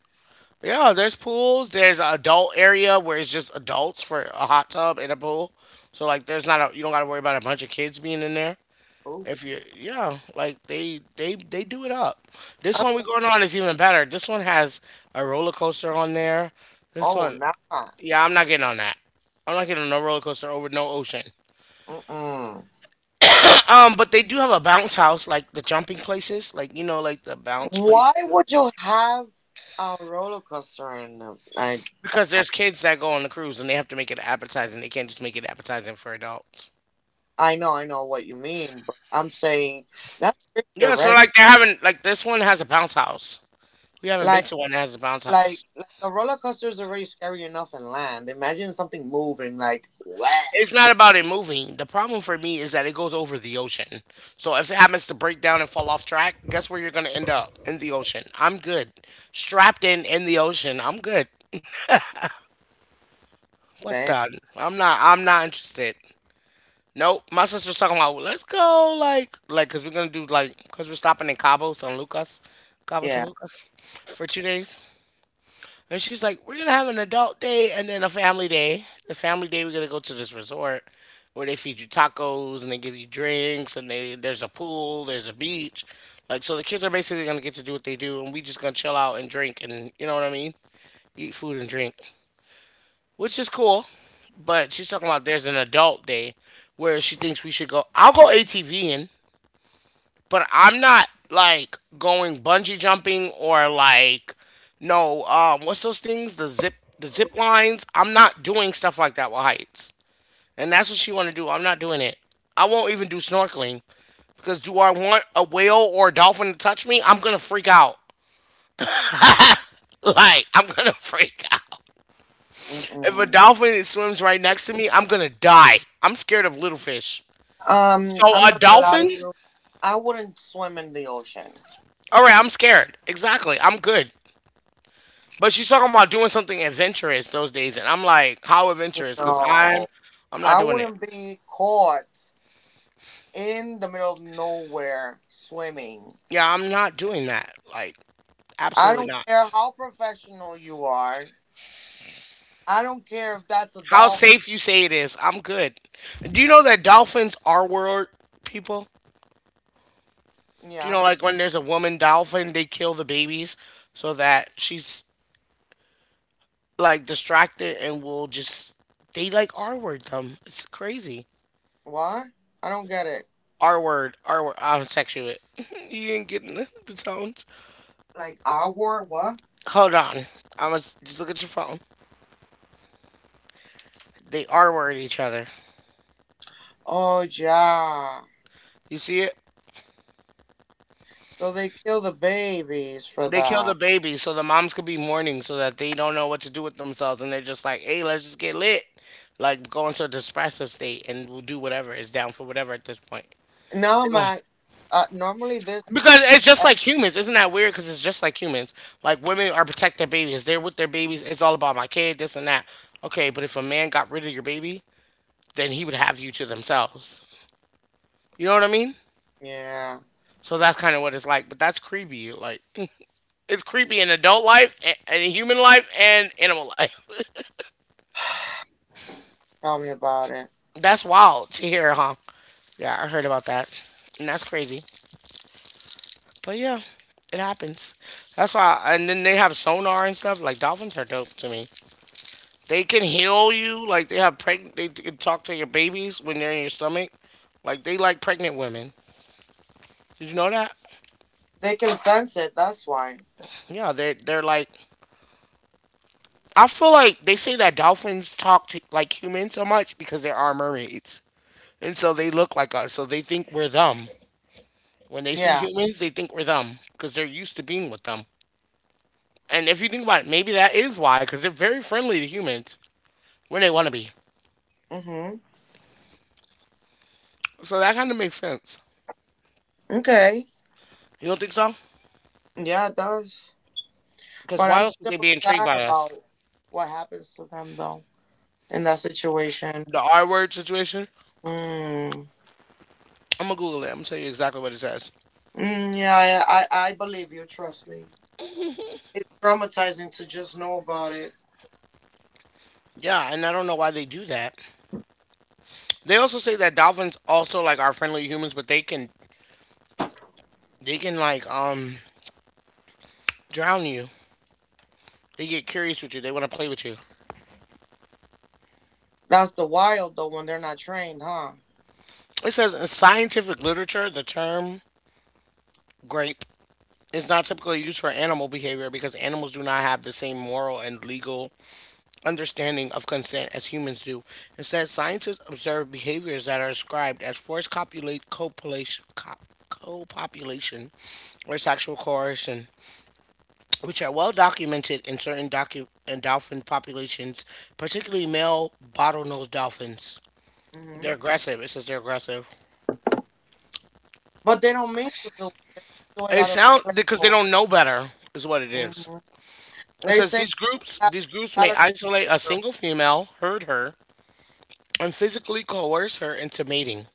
Yeah, there's pools. There's an adult area where it's just adults for a hot tub and a pool. So like, there's not a you don't got to worry about a bunch of kids being in there.
Oh,
If you yeah, like they they they do it up. This
I'm
one we're
so,
going on is even better. This one has a roller coaster on there. This
oh
one,
nah.
yeah, I'm not getting on that. I'm not getting on no roller coaster over no ocean.
Mm-mm.
Um, but they do have a bounce house, like the jumping places, like you know, like the bounce
Why
places.
would you have a roller coaster in the? I,
Because
I
there's kids that go on the cruise and they have to make it appetizing. They can't just make it appetizing for adults.
I know I know what you mean, but I'm saying that's creepy
Yeah, so
already.
like they're having like this one has a bounce house. We haven't been
Like
to one that has a bounce
like
house.
like a roller coaster is already scary enough in land. Imagine something moving like what?
It's not about it moving. The problem for me is that it goes over the ocean. So if it happens to break down and fall off track, guess where you're gonna end up? In the ocean. I'm good. Strapped in in the ocean. I'm good. What
Damn.
the? I'm not. I'm not interested. Nope. My sister's talking about let's go like like because we're gonna do like because we're stopping in Cabo San Lucas, Cabo San
Yeah.
Lucas, for two days. And she's like, we're gonna have an adult day and then a family day. The family day we're gonna go to this resort where they feed you tacos and they give you drinks and they there's a pool, there's a beach. Like so the kids are basically gonna get to do what they do and we just gonna chill out and drink and you know what I mean? Eat food and drink. Which is cool. But she's talking about there's an adult day where she thinks we should go I'll go ATVing but I'm not like going bungee jumping or like no um what's those things the zip the zip lines. I'm not doing stuff like that with heights, and that's what she want to do. I'm not doing it. I won't even do snorkeling because do I want a whale or a dolphin to touch me? I'm gonna freak out. Like I'm gonna freak out. If a
Mm-mm.
dolphin swims right next to me, I'm gonna die. I'm scared of little fish.
Um,
So
I'm
a
not gonna lie
dolphin?
to you. I wouldn't swim in the ocean.
All right, I'm scared. Exactly. I'm good. But she's talking about doing something adventurous those days, and I'm like, how adventurous? Because I'm,
No,
I'm not
I
doing it.
wouldn't be caught in the middle of nowhere swimming.
Yeah, I'm not doing that. Like,
I
absolutely
don't
not.
care how professional you are. I don't care if that's a
How
dolphin.
safe you say it is? I'm good. Do you know that dolphins are world people? Do you
Yeah.
know like when there's a woman dolphin, they kill the babies so that she's like distracted and will just they like R word them. It's crazy.
What? I don't get it.
R word, R word. I'm sexual. you didn't get the, the tones.
Like our what?
Hold on. I was just look at your phone. They are word each other.
Oh yeah.
You see it?
So they kill the babies for
They kill
that.
the baby so the moms could be mourning so that they don't know what to do with themselves and they're just like, hey, let's just get lit. Like go into a depressive state and we'll do whatever is down for whatever at this point.
No,
They don't
man. Uh, normally this
because it's just
uh,
like humans. Isn't that weird? Because it's just like humans. Like women are protect their babies. They're with their babies. It's all about my kid, this and that. Okay, but if a man got rid of your baby, then he would have you to themselves. You know what I mean?
yeah.
So that's kind of what it's like. But that's creepy. Like it's creepy in adult life and, in human life and animal life.
Tell me about it.
that's wild to hear, huh? Yeah, I heard about that, and that's crazy. But yeah, it happens. That's why. And then they have sonar and stuff. Like dolphins are dope to me. They can heal you. Like they have pregnant. They can talk to your babies when they're in your stomach. Like they like pregnant women. Did you know that?
They can sense it. That's why.
Yeah, they they're like I feel like they say that dolphins talk to, like humans so much because there are mermaids. And so they look like us. So they think we're them. When they see
Yeah.
humans, they think we're them because they're used to being with them. And if you think about it, maybe that is why because they're very friendly to humans when they want to be.
Mhm.
So that kind of makes sense.
Okay.
You don't think so?
Yeah, it does.
Because
But
why
I'm
else would they
still
be intrigued
sad
by us?
about what happens to them though, in that situation.
The R word situation?
Mm.
I'm going to Google it. I'm going to tell you exactly what it says.
Mm, yeah, I, I, I believe you. Trust me. It's traumatizing to just know about it.
Yeah, and I don't know why they do that. They also say that dolphins also like are friendly to humans, but they can they can like um drown you. They get curious with you. They want to play with you.
That's the wild, though, when they're not trained, huh?
It says in scientific literature, the term grape is not typically used for animal behavior because animals do not have the same moral and legal understanding of consent as humans do. Instead, scientists observe behaviors that are described as forced copulate, copulation, cop, co or sexual coercion, which are well documented in certain docu- and dolphin populations, particularly male bottlenose dolphins.
Hmm.
They're aggressive. It says they're aggressive.
But they don't mean to do it. They do it
It
out of
sound because they
playful.
don't know better is what it is.
Hmm.
It
They
says
say
these groups
they have
these groups
a
may
mentality
isolate a
of a
single female, herd her, and physically coerce her into mating.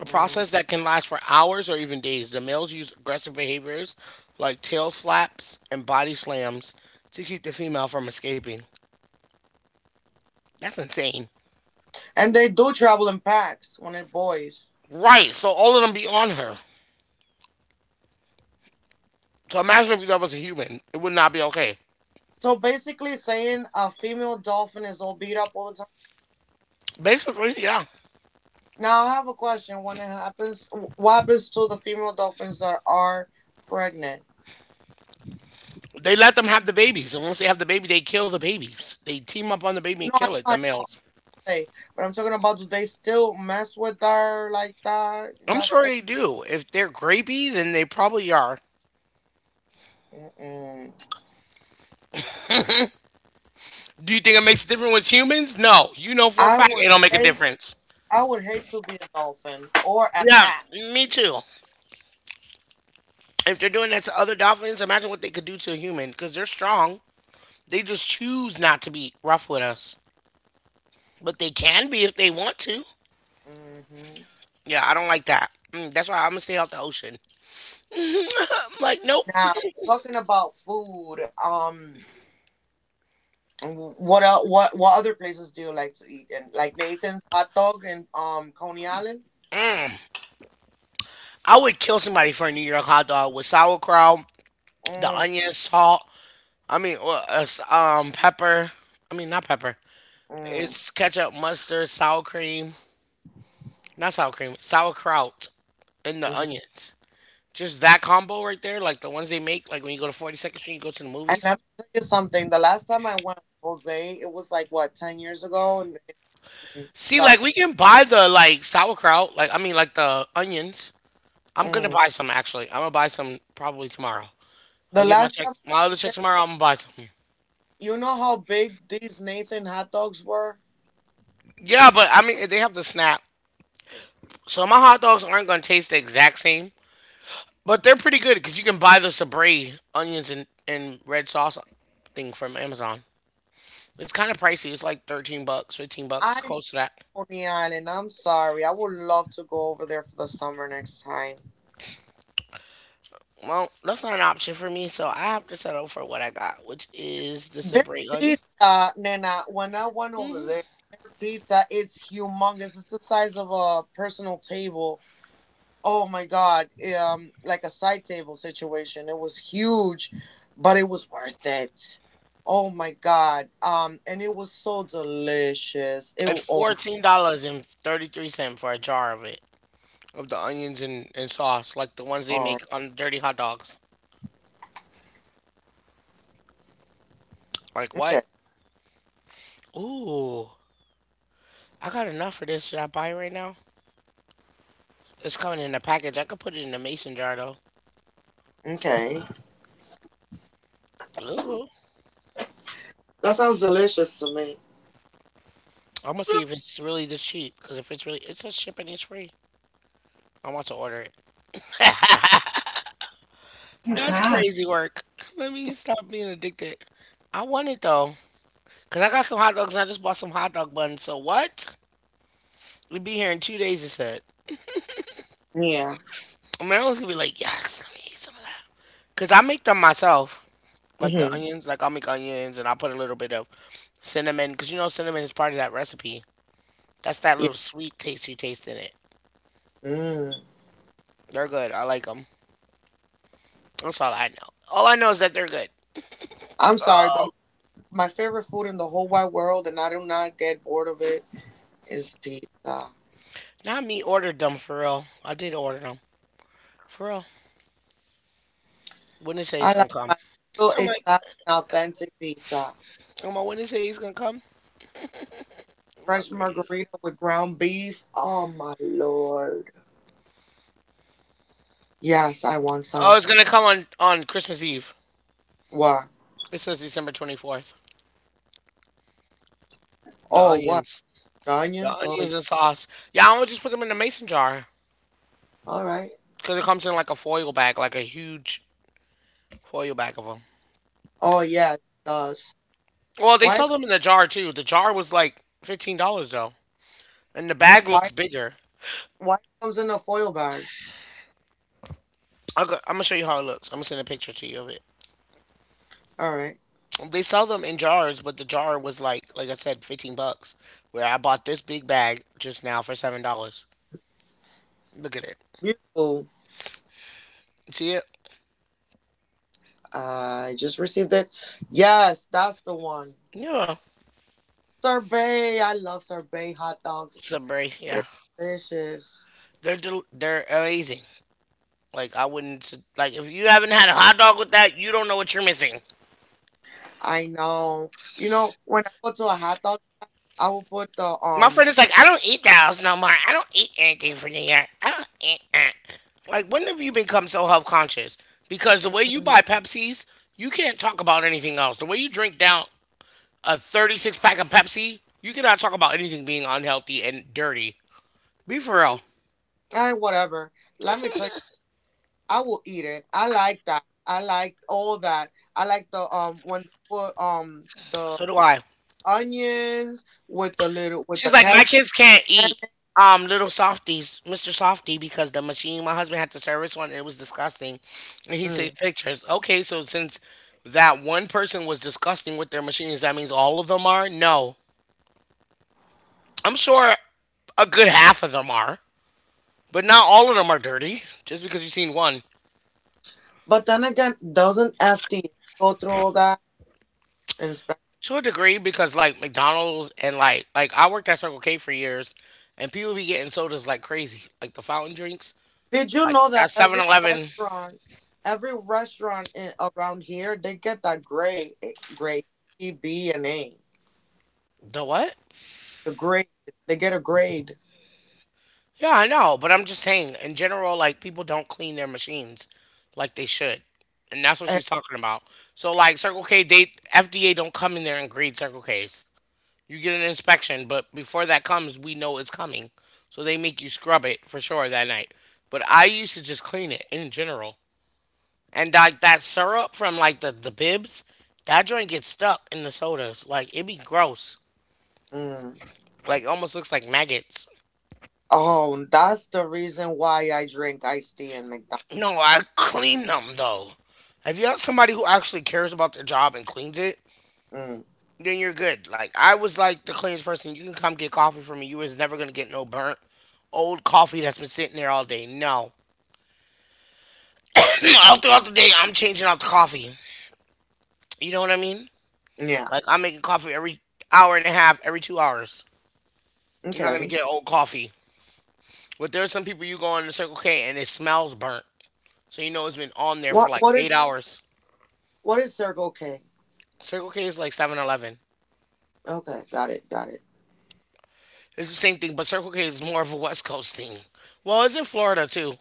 A process
Mm-mm.
that can last for hours or even days. The males use aggressive behaviors like tail slaps and body slams to keep the female from escaping. That's insane.
And they do travel in packs when they're boys.
Right, so all of them be on her. So imagine if that was a human. It would not be okay.
So basically saying a female dolphin is all beat up all the—
Basically, yeah.
Now I have a question. When it happens, what happens to the female dolphins that are pregnant?
They let them have the babies, and once they have the baby, they kill the babies. They team up on the baby
No,
and
I know,
kill it, the
I say,
males.
but I'm talking about do they still mess with her like that in
I'm
that
sure
state?
they do. If they're grapey, then they probably are.
Mm-mm.
Do you think it makes a difference with humans? No. You know for a
I
fact
would
it don't make a
hate,
difference.
I would hate to be a dolphin or a
Yeah,
cat.
me too. If they're doing that to other dolphins, imagine what they could do to a human because they're strong. They just choose not to be rough with us, but they can be if they want to.
Hmm.
Yeah, I don't like that. Mm, that's why I'm gonna stay out the ocean. I'm like, nope.
Now talking about food, um, what el what what other places do you like to eat? And like Nathan's hot dog in um Coney Island.
I would kill somebody for a New York hot dog with sauerkraut the
Mm.
onion, salt. I mean, well, uh, s- um, pepper. I mean, not pepper. It's ketchup, mustard, sour cream. Not sour cream. Sauerkraut and the
Hmm.
onions. Just that combo right there, like the ones they make, like when you go to forty-second Street, you go to the
And
movies.
let me tell you something. The last time I went with Jose, it was like what ten years ago, in, in
See,
two thousand.
like we can buy the like sauerkraut, like I mean, like the onions. I'm gonna
Mm.
buy some actually. I'm gonna buy some probably tomorrow. I
The
get my
last
check,
time I
my other
went
check
there,
tomorrow. I'm gonna buy some.
you know how big these Nathan hot dogs were.
Yeah, but I mean, they have the snap, so my hot dogs aren't gonna taste the exact same. But they're pretty good because you can buy the sabre onions and, and red sauce thing from Amazon. It's kind of pricey. It's like thirteen bucks, fifteen bucks,
I'm
close to that.
Coney Island. I'm sorry. I would love to go over there for the summer next time.
Well, that's not an option for me, so I have to settle for what I got, which is the
Their
sabre onion.
pizza, Nana. When I went over there, their pizza it's humongous. It's the size of a personal table. Oh my god. um like a side table situation, it was huge, but it was worth it. Oh my god. um and it was so delicious. it wa-
It's
oh my
fourteen dollars and thirty-three cents for a jar of it, of the onions and, and sauce, like the ones they
god.
make on dirty hot dogs. Like what?
Okay.
Ooh, I got enough for this. Should I buy it right now? It's coming in a package. I could put it in a mason jar, though.
Okay,
Ooh.
that sounds delicious to me.
I'm gonna see if it's really this cheap because if it's really, it says shipping is free. I want to order it. That's
Mhm.
crazy work. Let me stop being addicted. I want it though because I got some hot dogs and I just bought some hot dog buns. So what? We'd be here in two days. It said.
Yeah.
Marilyn's gonna be like, yes, let me eat some of that. Cause I make them myself, like the
Mm-hmm.
onions. Like I'll make onions and I'll put a little bit of cinnamon. Cause you know cinnamon is part of that recipe. That's that
Yeah.
little sweet taste you taste in it.
Mm.
They're good. I like them. That's all I know. All I know is that they're good.
I'm sorry but
Oh,
my favorite food in the whole wide world, and I do not get bored of it, is pizza.
not me ordered them for real. I did order them for real. When they say
I
he's gonna
like
come,
my real
I'm like,
Italian authentic pizza.
oh my, when they say he's gonna come, oh my
Fresh
goodness.
margarita with ground beef. Oh my lord. Yes, I want some.
Oh, it's gonna come on on Christmas Eve.
What?
It says December twenty fourth. The
Oh, what?
onions,
The
the
onions? Oh,
onions
y-
and sauce. Yeah, I would just put them in a mason jar
all right.
because it comes in like a foil bag, like a huge foil bag of them.
Oh yeah, it does.
Well, they
Why? it
sell them in the jar too. The jar was like fifteen dollars though, and the
com-
bag
Why?
looks bigger.
Why it comes in a foil bag?
I'll go, I'm gonna show you how it looks. I'm gonna send a picture to you of it.
All right.
They sell them in jars, but the jar was like, like I said, fifteen bucks. Where I bought this big bag just now for seven dollars. Look at it.
Beautiful.
See it?
I just received it. Yes, that's the one.
Yeah.
Sorbet. I love sorbet hot dogs.
Subway, yeah.
They're delicious.
They're del- they're amazing. Like I wouldn't s- like if you haven't had a hot dog with that, you don't know what you're missing.
I know. You know, when I go to a hot dog, I will put the
My friend
um.
is like, I don't eat Dallas no more. I don't eat anything for New York. I don't eat that. Like, when have you become so health conscious? Because the way you buy Pepsis, you can't talk about anything else. The way you drink down a thirty-six pack of Pepsi, you cannot talk about anything being unhealthy and dirty. Be for real.
I whatever. Let me tell you, I will eat it. I like that. I like all that. I like the um when they put um the
So do I.
onions with the little with the
She's like, my
ketchup.
kids can't eat um little softies, Mister Softy, because the machine my husband had to service one and it was disgusting. And he
Mm.
saved pictures. Okay, so since that one person was disgusting with their machines, that means all of them are? No. I'm sure a good half of them are. But not all of them are dirty. Just because you've seen one.
But then again, doesn't F D A go through all that inspection?
To a degree, because like McDonald's and like like I worked at Circle K for years, and people be getting sodas like crazy, like the fountain drinks,
Did you
like
know that
that Seven
every
Eleven,
restaurant, every restaurant in, around here, they get that grade, eh, grade E, B, and A.
The what?
The grade, they get a grade.
Yeah, I know, but I'm just saying in general, like people don't clean their machines like they should, and that's what
And,
she's talking about. So like Circle K, they F D A don't come in there and grade Circle Ks. You get an inspection, but before that comes, we know it's coming, so they make you scrub it for sure that night. But I used to just clean it in general. And like that syrup from like the, the bibs, that joint gets stuck in the sodas. Like it be gross.
mm.
Like almost looks like maggots.
Oh, that's the reason why I drink iced tea in McDonald's.
No, I clean them though. If you have somebody who actually cares about their job and cleans it,
Mm,
then you're good. Like I was like the cleanest person. You can come get coffee from me. You is never gonna get no burnt old coffee that's been sitting there all day. No. All throughout the day I'm changing out the coffee. You know what I mean?
yeah.
Like I'm making coffee every hour and a half, every two hours. You're not gonna
Okay.
get old coffee. But there's some people you go on the Circle K and it smells burnt. So you know it's been
What
on there
what
for
is
like eight hours.
what is Circle K?
Circle K is like Seven Eleven.
Okay, got it, got it.
It's the same thing, but Circle K is more of a West Coast thing. Well, it's in Florida too.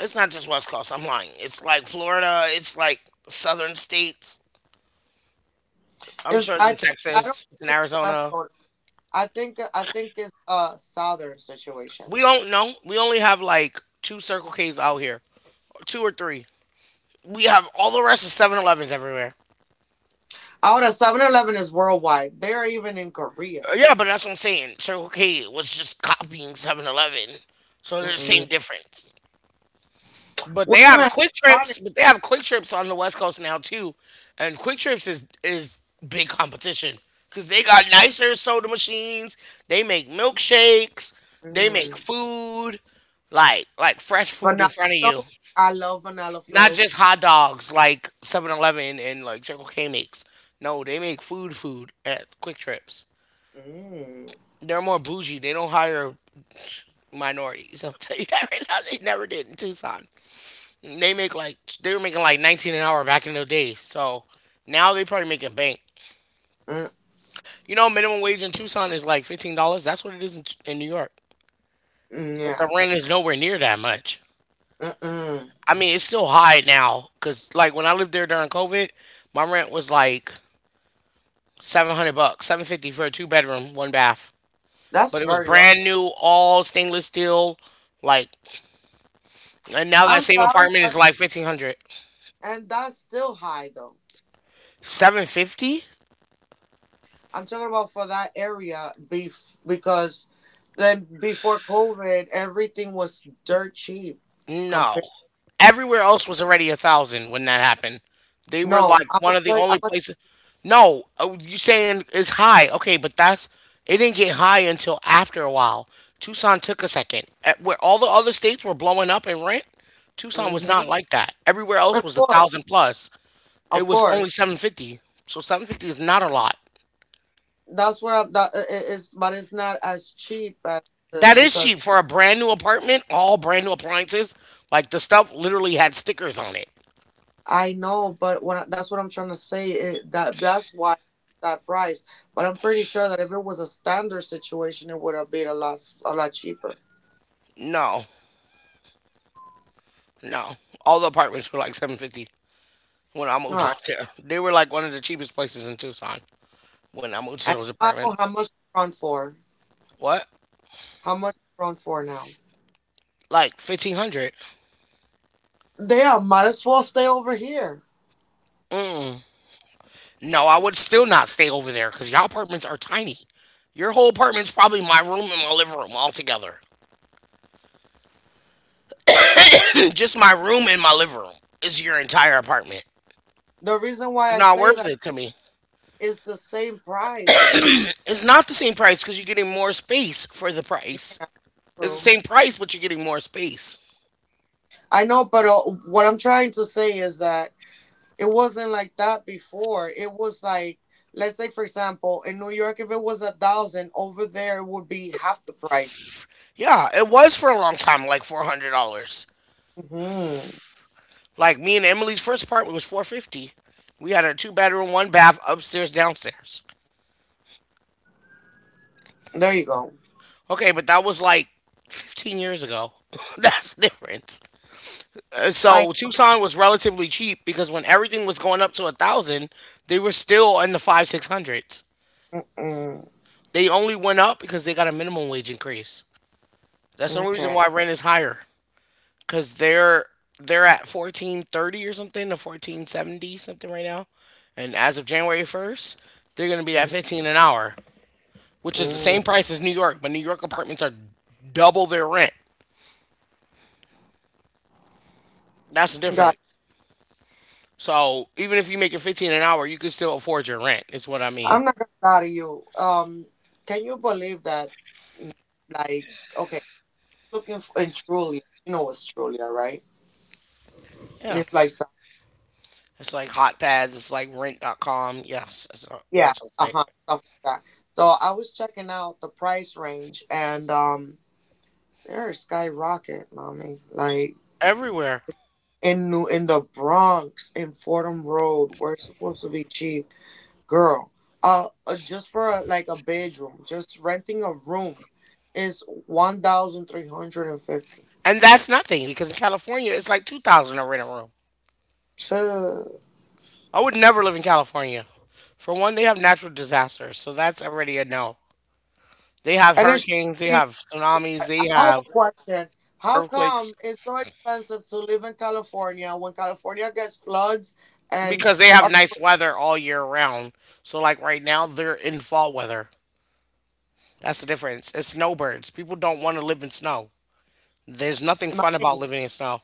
It's not just West Coast. I'm lying. It's like Florida. It's like southern states. I'm
Is
sure it's
I
in
think I don't
Texas. It's in
think it's West
Arizona.
Coast. I think I think it's a southern situation.
We don't know. We only have like two Circle Ks out here, two or three. We have all the rest of Seven Elevens everywhere.
Ahora, seven-Eleven is worldwide. They're even in Korea.
Uh, Yeah, but that's what I'm saying. Circle K was just copying Seven Eleven, so they're the same
Mm-mm.
difference. But
We
they
even
have
have
Quick
Sonic.
Trips, but they have Quick Trips on the West Coast now too, and Quick Trips is is big competition because they got nicer soda machines. They make milkshakes. They make
Mm.
food, like like fresh food in
Vanilla
front of you,
float. I love vanilla
not just
floats.
hot dogs like Seven Eleven and like Circle K makes. No, they make food food at Quick Trips.
Mm.
They're more bougie. They don't hire minorities. I'll tell you that right now. They never did in Tucson. They make like they were making like nineteen an hour back in the day. So now they probably making bank.
Mm,
You know, minimum wage in Tucson is like fifteen dollars. That's what it is in, in New York.
mm,
But the
yeah.
rent is nowhere near that much.
Mm-mm.
I mean, it's still high now because like when I lived there during COVID, my rent was like seven hundred bucks, seven fifty for a two bedroom, one bath.
That's
But it was
very low.
brand new, all stainless steel. Like, and now
I'm
that same
sorry,
apartment
but
is like fifteen hundred.
and that's still high though.
Seven fifty?
I'm talking about for that area bef- because then before COVID, everything was dirt cheap
No.
compared.
Everywhere else was already a thousand when that happened. They were
No,
like
I'm gonna
one of the
tell you- I'm
only
gonna-
places. No, uh, You saying it's high? Okay, but that's it didn't get high until after a while. Tucson took a second. At where all the other states were blowing up in rent, Tucson was not
Mhm.
like that. Everywhere else
Of
was a thousand
course,
plus. It
of
was only
course.
seven fifty. So seven fifty is not a lot.
That's what I'm. That I- I- is, but it's not as cheap as uh,
That is
because
cheap for a brand new apartment, all brand new appliances. Like the stuff literally had stickers on it.
I know, but what I- that's what I'm trying to say. It, that that's why that price. But I'm pretty sure that if it was a standard situation, it would have been a lot s- a lot cheaper.
No. No, all the apartments were like seven fifty when I
All
moved
right.
out there. They were like one of the cheapest places in Tucson when I moved to
And
those
now, how
apartments.
much they run for?
What?
How much they run for now?
Like fifteen hundred?
They are, might as well stay over here.
No, I would still not stay over there because y'all apartments are tiny. Your whole apartment's probably my room and my living room all together. Just my room and my living room is your entire apartment.
The reason why
It's
I
not
say
worth
that
it to me.
is the same prices.
It's not the same price because you're getting more space for the price. It's the
True.
same price, but you're getting more space.
I know, but uh, what I'm trying to say is that it wasn't like that before. It was like, let's say, for example, in New York, if it was a thousand, over there it would be half the price.
Yeah, it was for a long time, like four hundred dollars.
Hmm.
Like me and Emily's first apartment was four fifty. We had a two bedroom, one bath upstairs, downstairs.
There you go.
Okay, but that was like fifteen years ago. That's the difference. And
I
so Tucson was relatively cheap because when everything was going up to a thousand, they were still in the five six hundreds.
mm-mm.
They only went up because they got a minimum wage increase. That's the only reason
Okay.
why rent is higher because they're they're at fourteen thirty or something to fourteen seventy something right now, and as of January first, they're gonna be at fifteen an hour, which is the
Mm-hmm.
same price as New York, but New York apartments are double their rent. That's the
God,
difference. So even if you make it fifteen an hour, you can still afford your rent. Is what I mean.
I'm not gonna lie to you. Um, can you believe that? Mm. Like, okay, looking for in Trulia, you know what's Trulia, right?
Yeah.
It's like, some-
It's like hot pads. It's like Rent. Dot com. Yes, it's a
yeah,
rental
uh
site
huh, stuff like that. So I was checking out the price range, and um. They're skyrocket, mommy. Like
everywhere.
in New in the Bronx in Fordham Road, where it's supposed to be cheap, girl. Uh, uh just for a, like a bedroom, just renting a room is one thousand three hundred and fifty.
And that's nothing because in California, it's like two thousand to rent a room.
Tuh.
I would never live in California. For one, they have natural disasters. So that's already a no. They have
And it should
hurricanes, they
be.
have tsunamis,
I
they
have a
have
question. How come
earthquakes.
it's so expensive to live in California when California gets floods and
Because they have
our-
nice weather all year round. So like right now they're in fall weather. That's the difference. It's snowbirds. People don't want to live in snow. There's nothing fun
my-
about living in snow.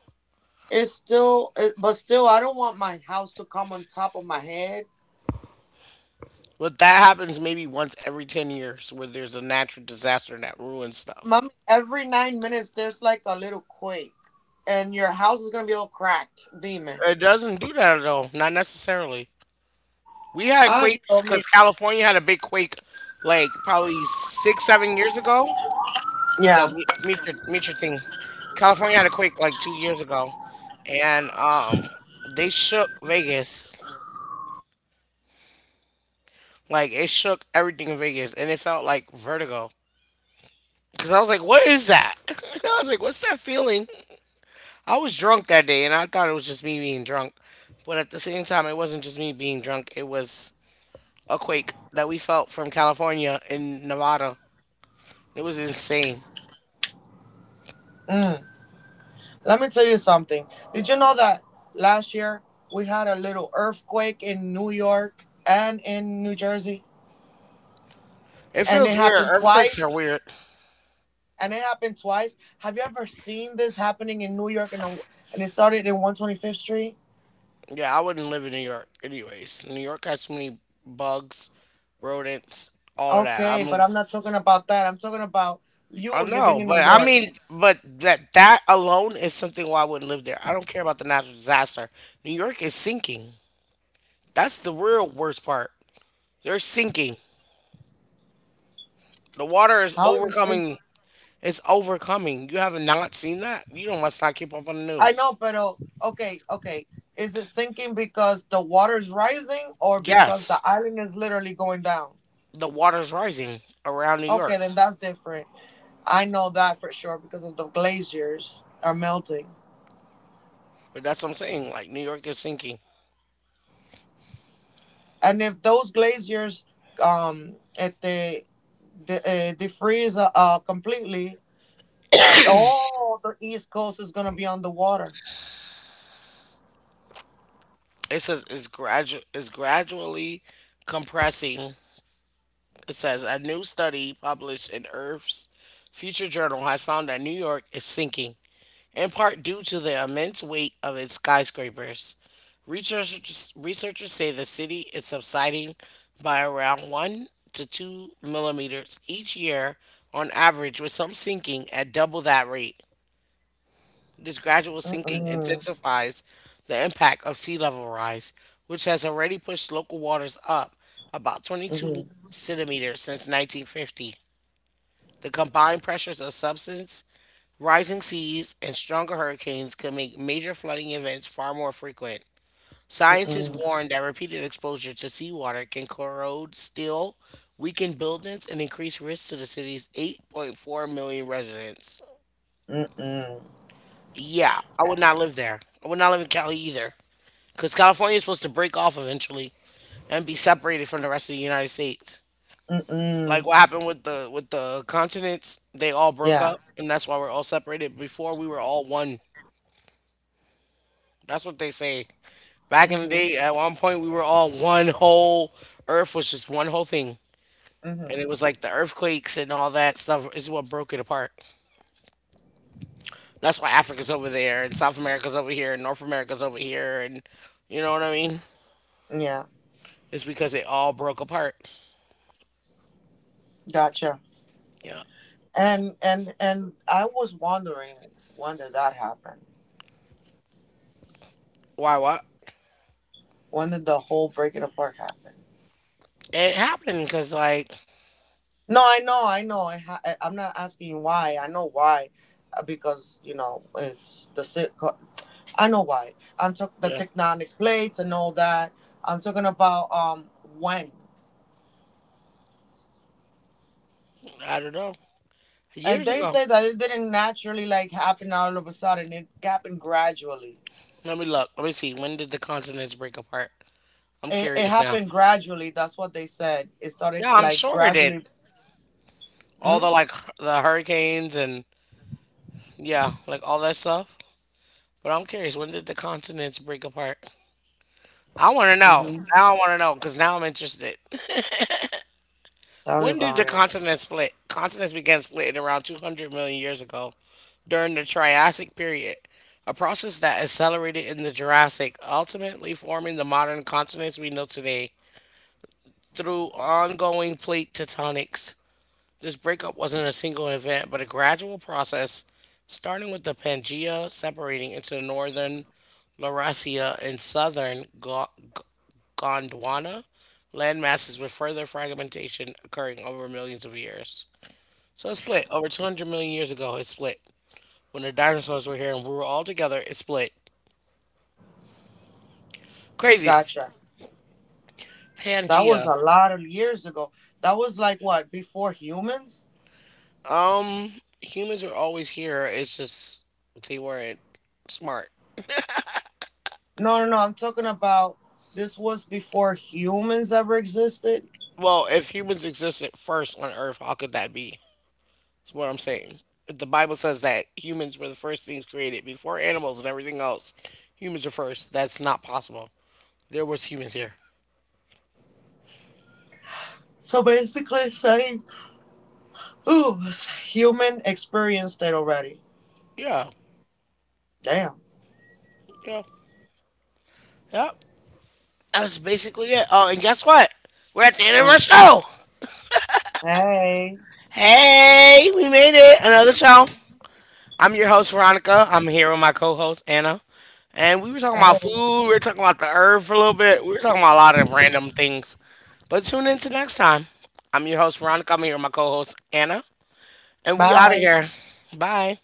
it's still, it, but still, I don't want my house to come on top of my head.
But that happens maybe once every ten years where there's a natural disaster that ruins stuff.
Mommy, every nine minutes there's like a little quake, and your house is gonna be all cracked. Demon.
It doesn't do that though, not necessarily. We had
Ah,
quakes
Dios mío.
because California had a big quake like probably six, seven years ago. So
Yeah.
meet, meet your meet your thing. California had a quake like two years ago, and um, they shook Vegas. Like it shook everything in Vegas, and it felt like vertigo. Cause I was like, "What is that?" I was like, "What's that feeling?" I was drunk that day, and I thought it was just me being drunk, but at the same time, it wasn't just me being drunk. It was a quake that we felt from California in Nevada. It was insane.
Mm. Let me tell you something. Did you know that last year we had a little earthquake in New York and in New Jersey,
It
and
feels
it
weird.
happened
Earthquakes are
twice.
weird.
And it happened twice. Have you ever seen this happening in New York? And and it started in one twenty-fifth Street.
Yeah, I wouldn't live in New York, anyways. New York has so many bugs, rodents, all of that.
Okay, but
I'm
I'm not talking about that. I'm talking about
I
you
know,
living in
but
New
I
York.
mean, but that that alone is something why I wouldn't live there. I don't care about the natural disaster. New York is sinking. That's the real worst part. They're sinking. The water is
How is this thing?
overcoming. It's overcoming. You have not seen that. You don't must not keep up on the
I
news.
know, pero okay, okay. Is it sinking because the water is rising or because the
Yes,
island is literally going down?
the water's rising around New
Okay,
York.
then that's different. I know that for sure because of the glaciers are melting.
But that's what I'm saying. Like New York is sinking.
And if those glaciers um at the the uh, defreeze uh, uh, completely, all the east coast is going to be underwater.
It says it's gradual. It's gradually compressing. It says a new study published in Earth's Future Journal has found that New York is sinking, in part due to the immense weight of its skyscrapers. Researchers, researchers say the city is subsiding by around one to two millimeters each year on average, with some sinking at double that rate. This gradual sinking
Mm-mm,
intensifies the impact of sea level rise, which has already pushed local waters up about twenty-two
mm-mm,
centimeters since nineteen fifty. The combined pressures of subsidence, rising seas, and stronger hurricanes could make major flooding events far more frequent. Scientists
mm-hmm,
warn that repeated exposure to seawater can corrode steel, weaken buildings, and increase risks to the city's eight point four million residents.
mm-mm, mm-mm,
Yeah, I would not live there. I would not live in Cali either. Because California is supposed to break off eventually and be separated from the rest of the United States. Like
mm-mm.
what happened with the with the continents, they all broke
Yeah.
up and that's why we're all separated. Before we were all one. That's what they say. Back in the
Mhm.
day, at one point we were all one whole earth was just one whole thing. And
Mhm.
it was like the earthquakes and all that stuff is what broke it apart. That's why Africa's over there and South America's over here and North America's over here and you know what I mean?
Yeah.
It's because it all broke apart.
Gotcha.
Yeah.
And and and I was wondering when did that happen?
Why what?
When did the whole breaking apart happen?
It happened because like
No, I know, I know. I ha- I- I'm not asking why. I know why, uh, because you know it's the sitco- I know why. I'm talking the
yeah,
tectonic plates and all that. I'm talking about um when.
I don't know.
And
Years
they
ago.
say that it didn't naturally like happen all of a sudden. It happened gradually.
Let me look. Let me see. When did the continents break apart? I'm
It, it
curious now.
happened gradually. That's what they said. It started
Yeah, I'm
like
sure it did.
gradually. Mm?
All the
Hmm.
like hu- the hurricanes and yeah, like all that stuff. But I'm curious, when did the continents break apart? I want to know.
Mm-hmm.
Now I want to know because now I'm interested.
Tell me
When did the
about it.
continents split? Continents began splitting around two hundred million years ago during the Triassic period, a process that accelerated in the Jurassic, ultimately forming the modern continents we know today through ongoing plate tectonics. This breakup wasn't a single event, but a gradual process, starting with the Pangaea separating into northern Laurasia and southern Go- G- Gondwana landmasses, with further fragmentation occurring over millions of years. So it split over two hundred million years ago. It split when the dinosaurs were here and we were all together. It split. Crazy.
Gotcha. That was
Pangaea.
a lot of years ago. That was like what, before humans?
Humans were always here. It's just they weren't smart.
No, no, no. I'm talking about this was before humans ever existed.
Well, if humans existed first on Earth, how could that be? That's what I'm saying. The Bible says that humans were the first things created before animals and everything else. Humans are first. That's not possible. There was humans here.
So basically saying, ooh, human experienced it already.
Yeah.
Damn.
Yeah. Yep. That's basically it. Oh, and guess what? We're at the end of
Oh.
our show.
Hey.
Hey, we made it. Another show. I'm your host, Veronica. I'm here with my co host, Anna. And we were talking about
Hey.
food. We were talking about the herb for a little bit. We were talking about a lot of random things. But tune in to next time. I'm your host, Veronica. I'm here with my co host, Anna. And we out of
Bye.
here. Bye.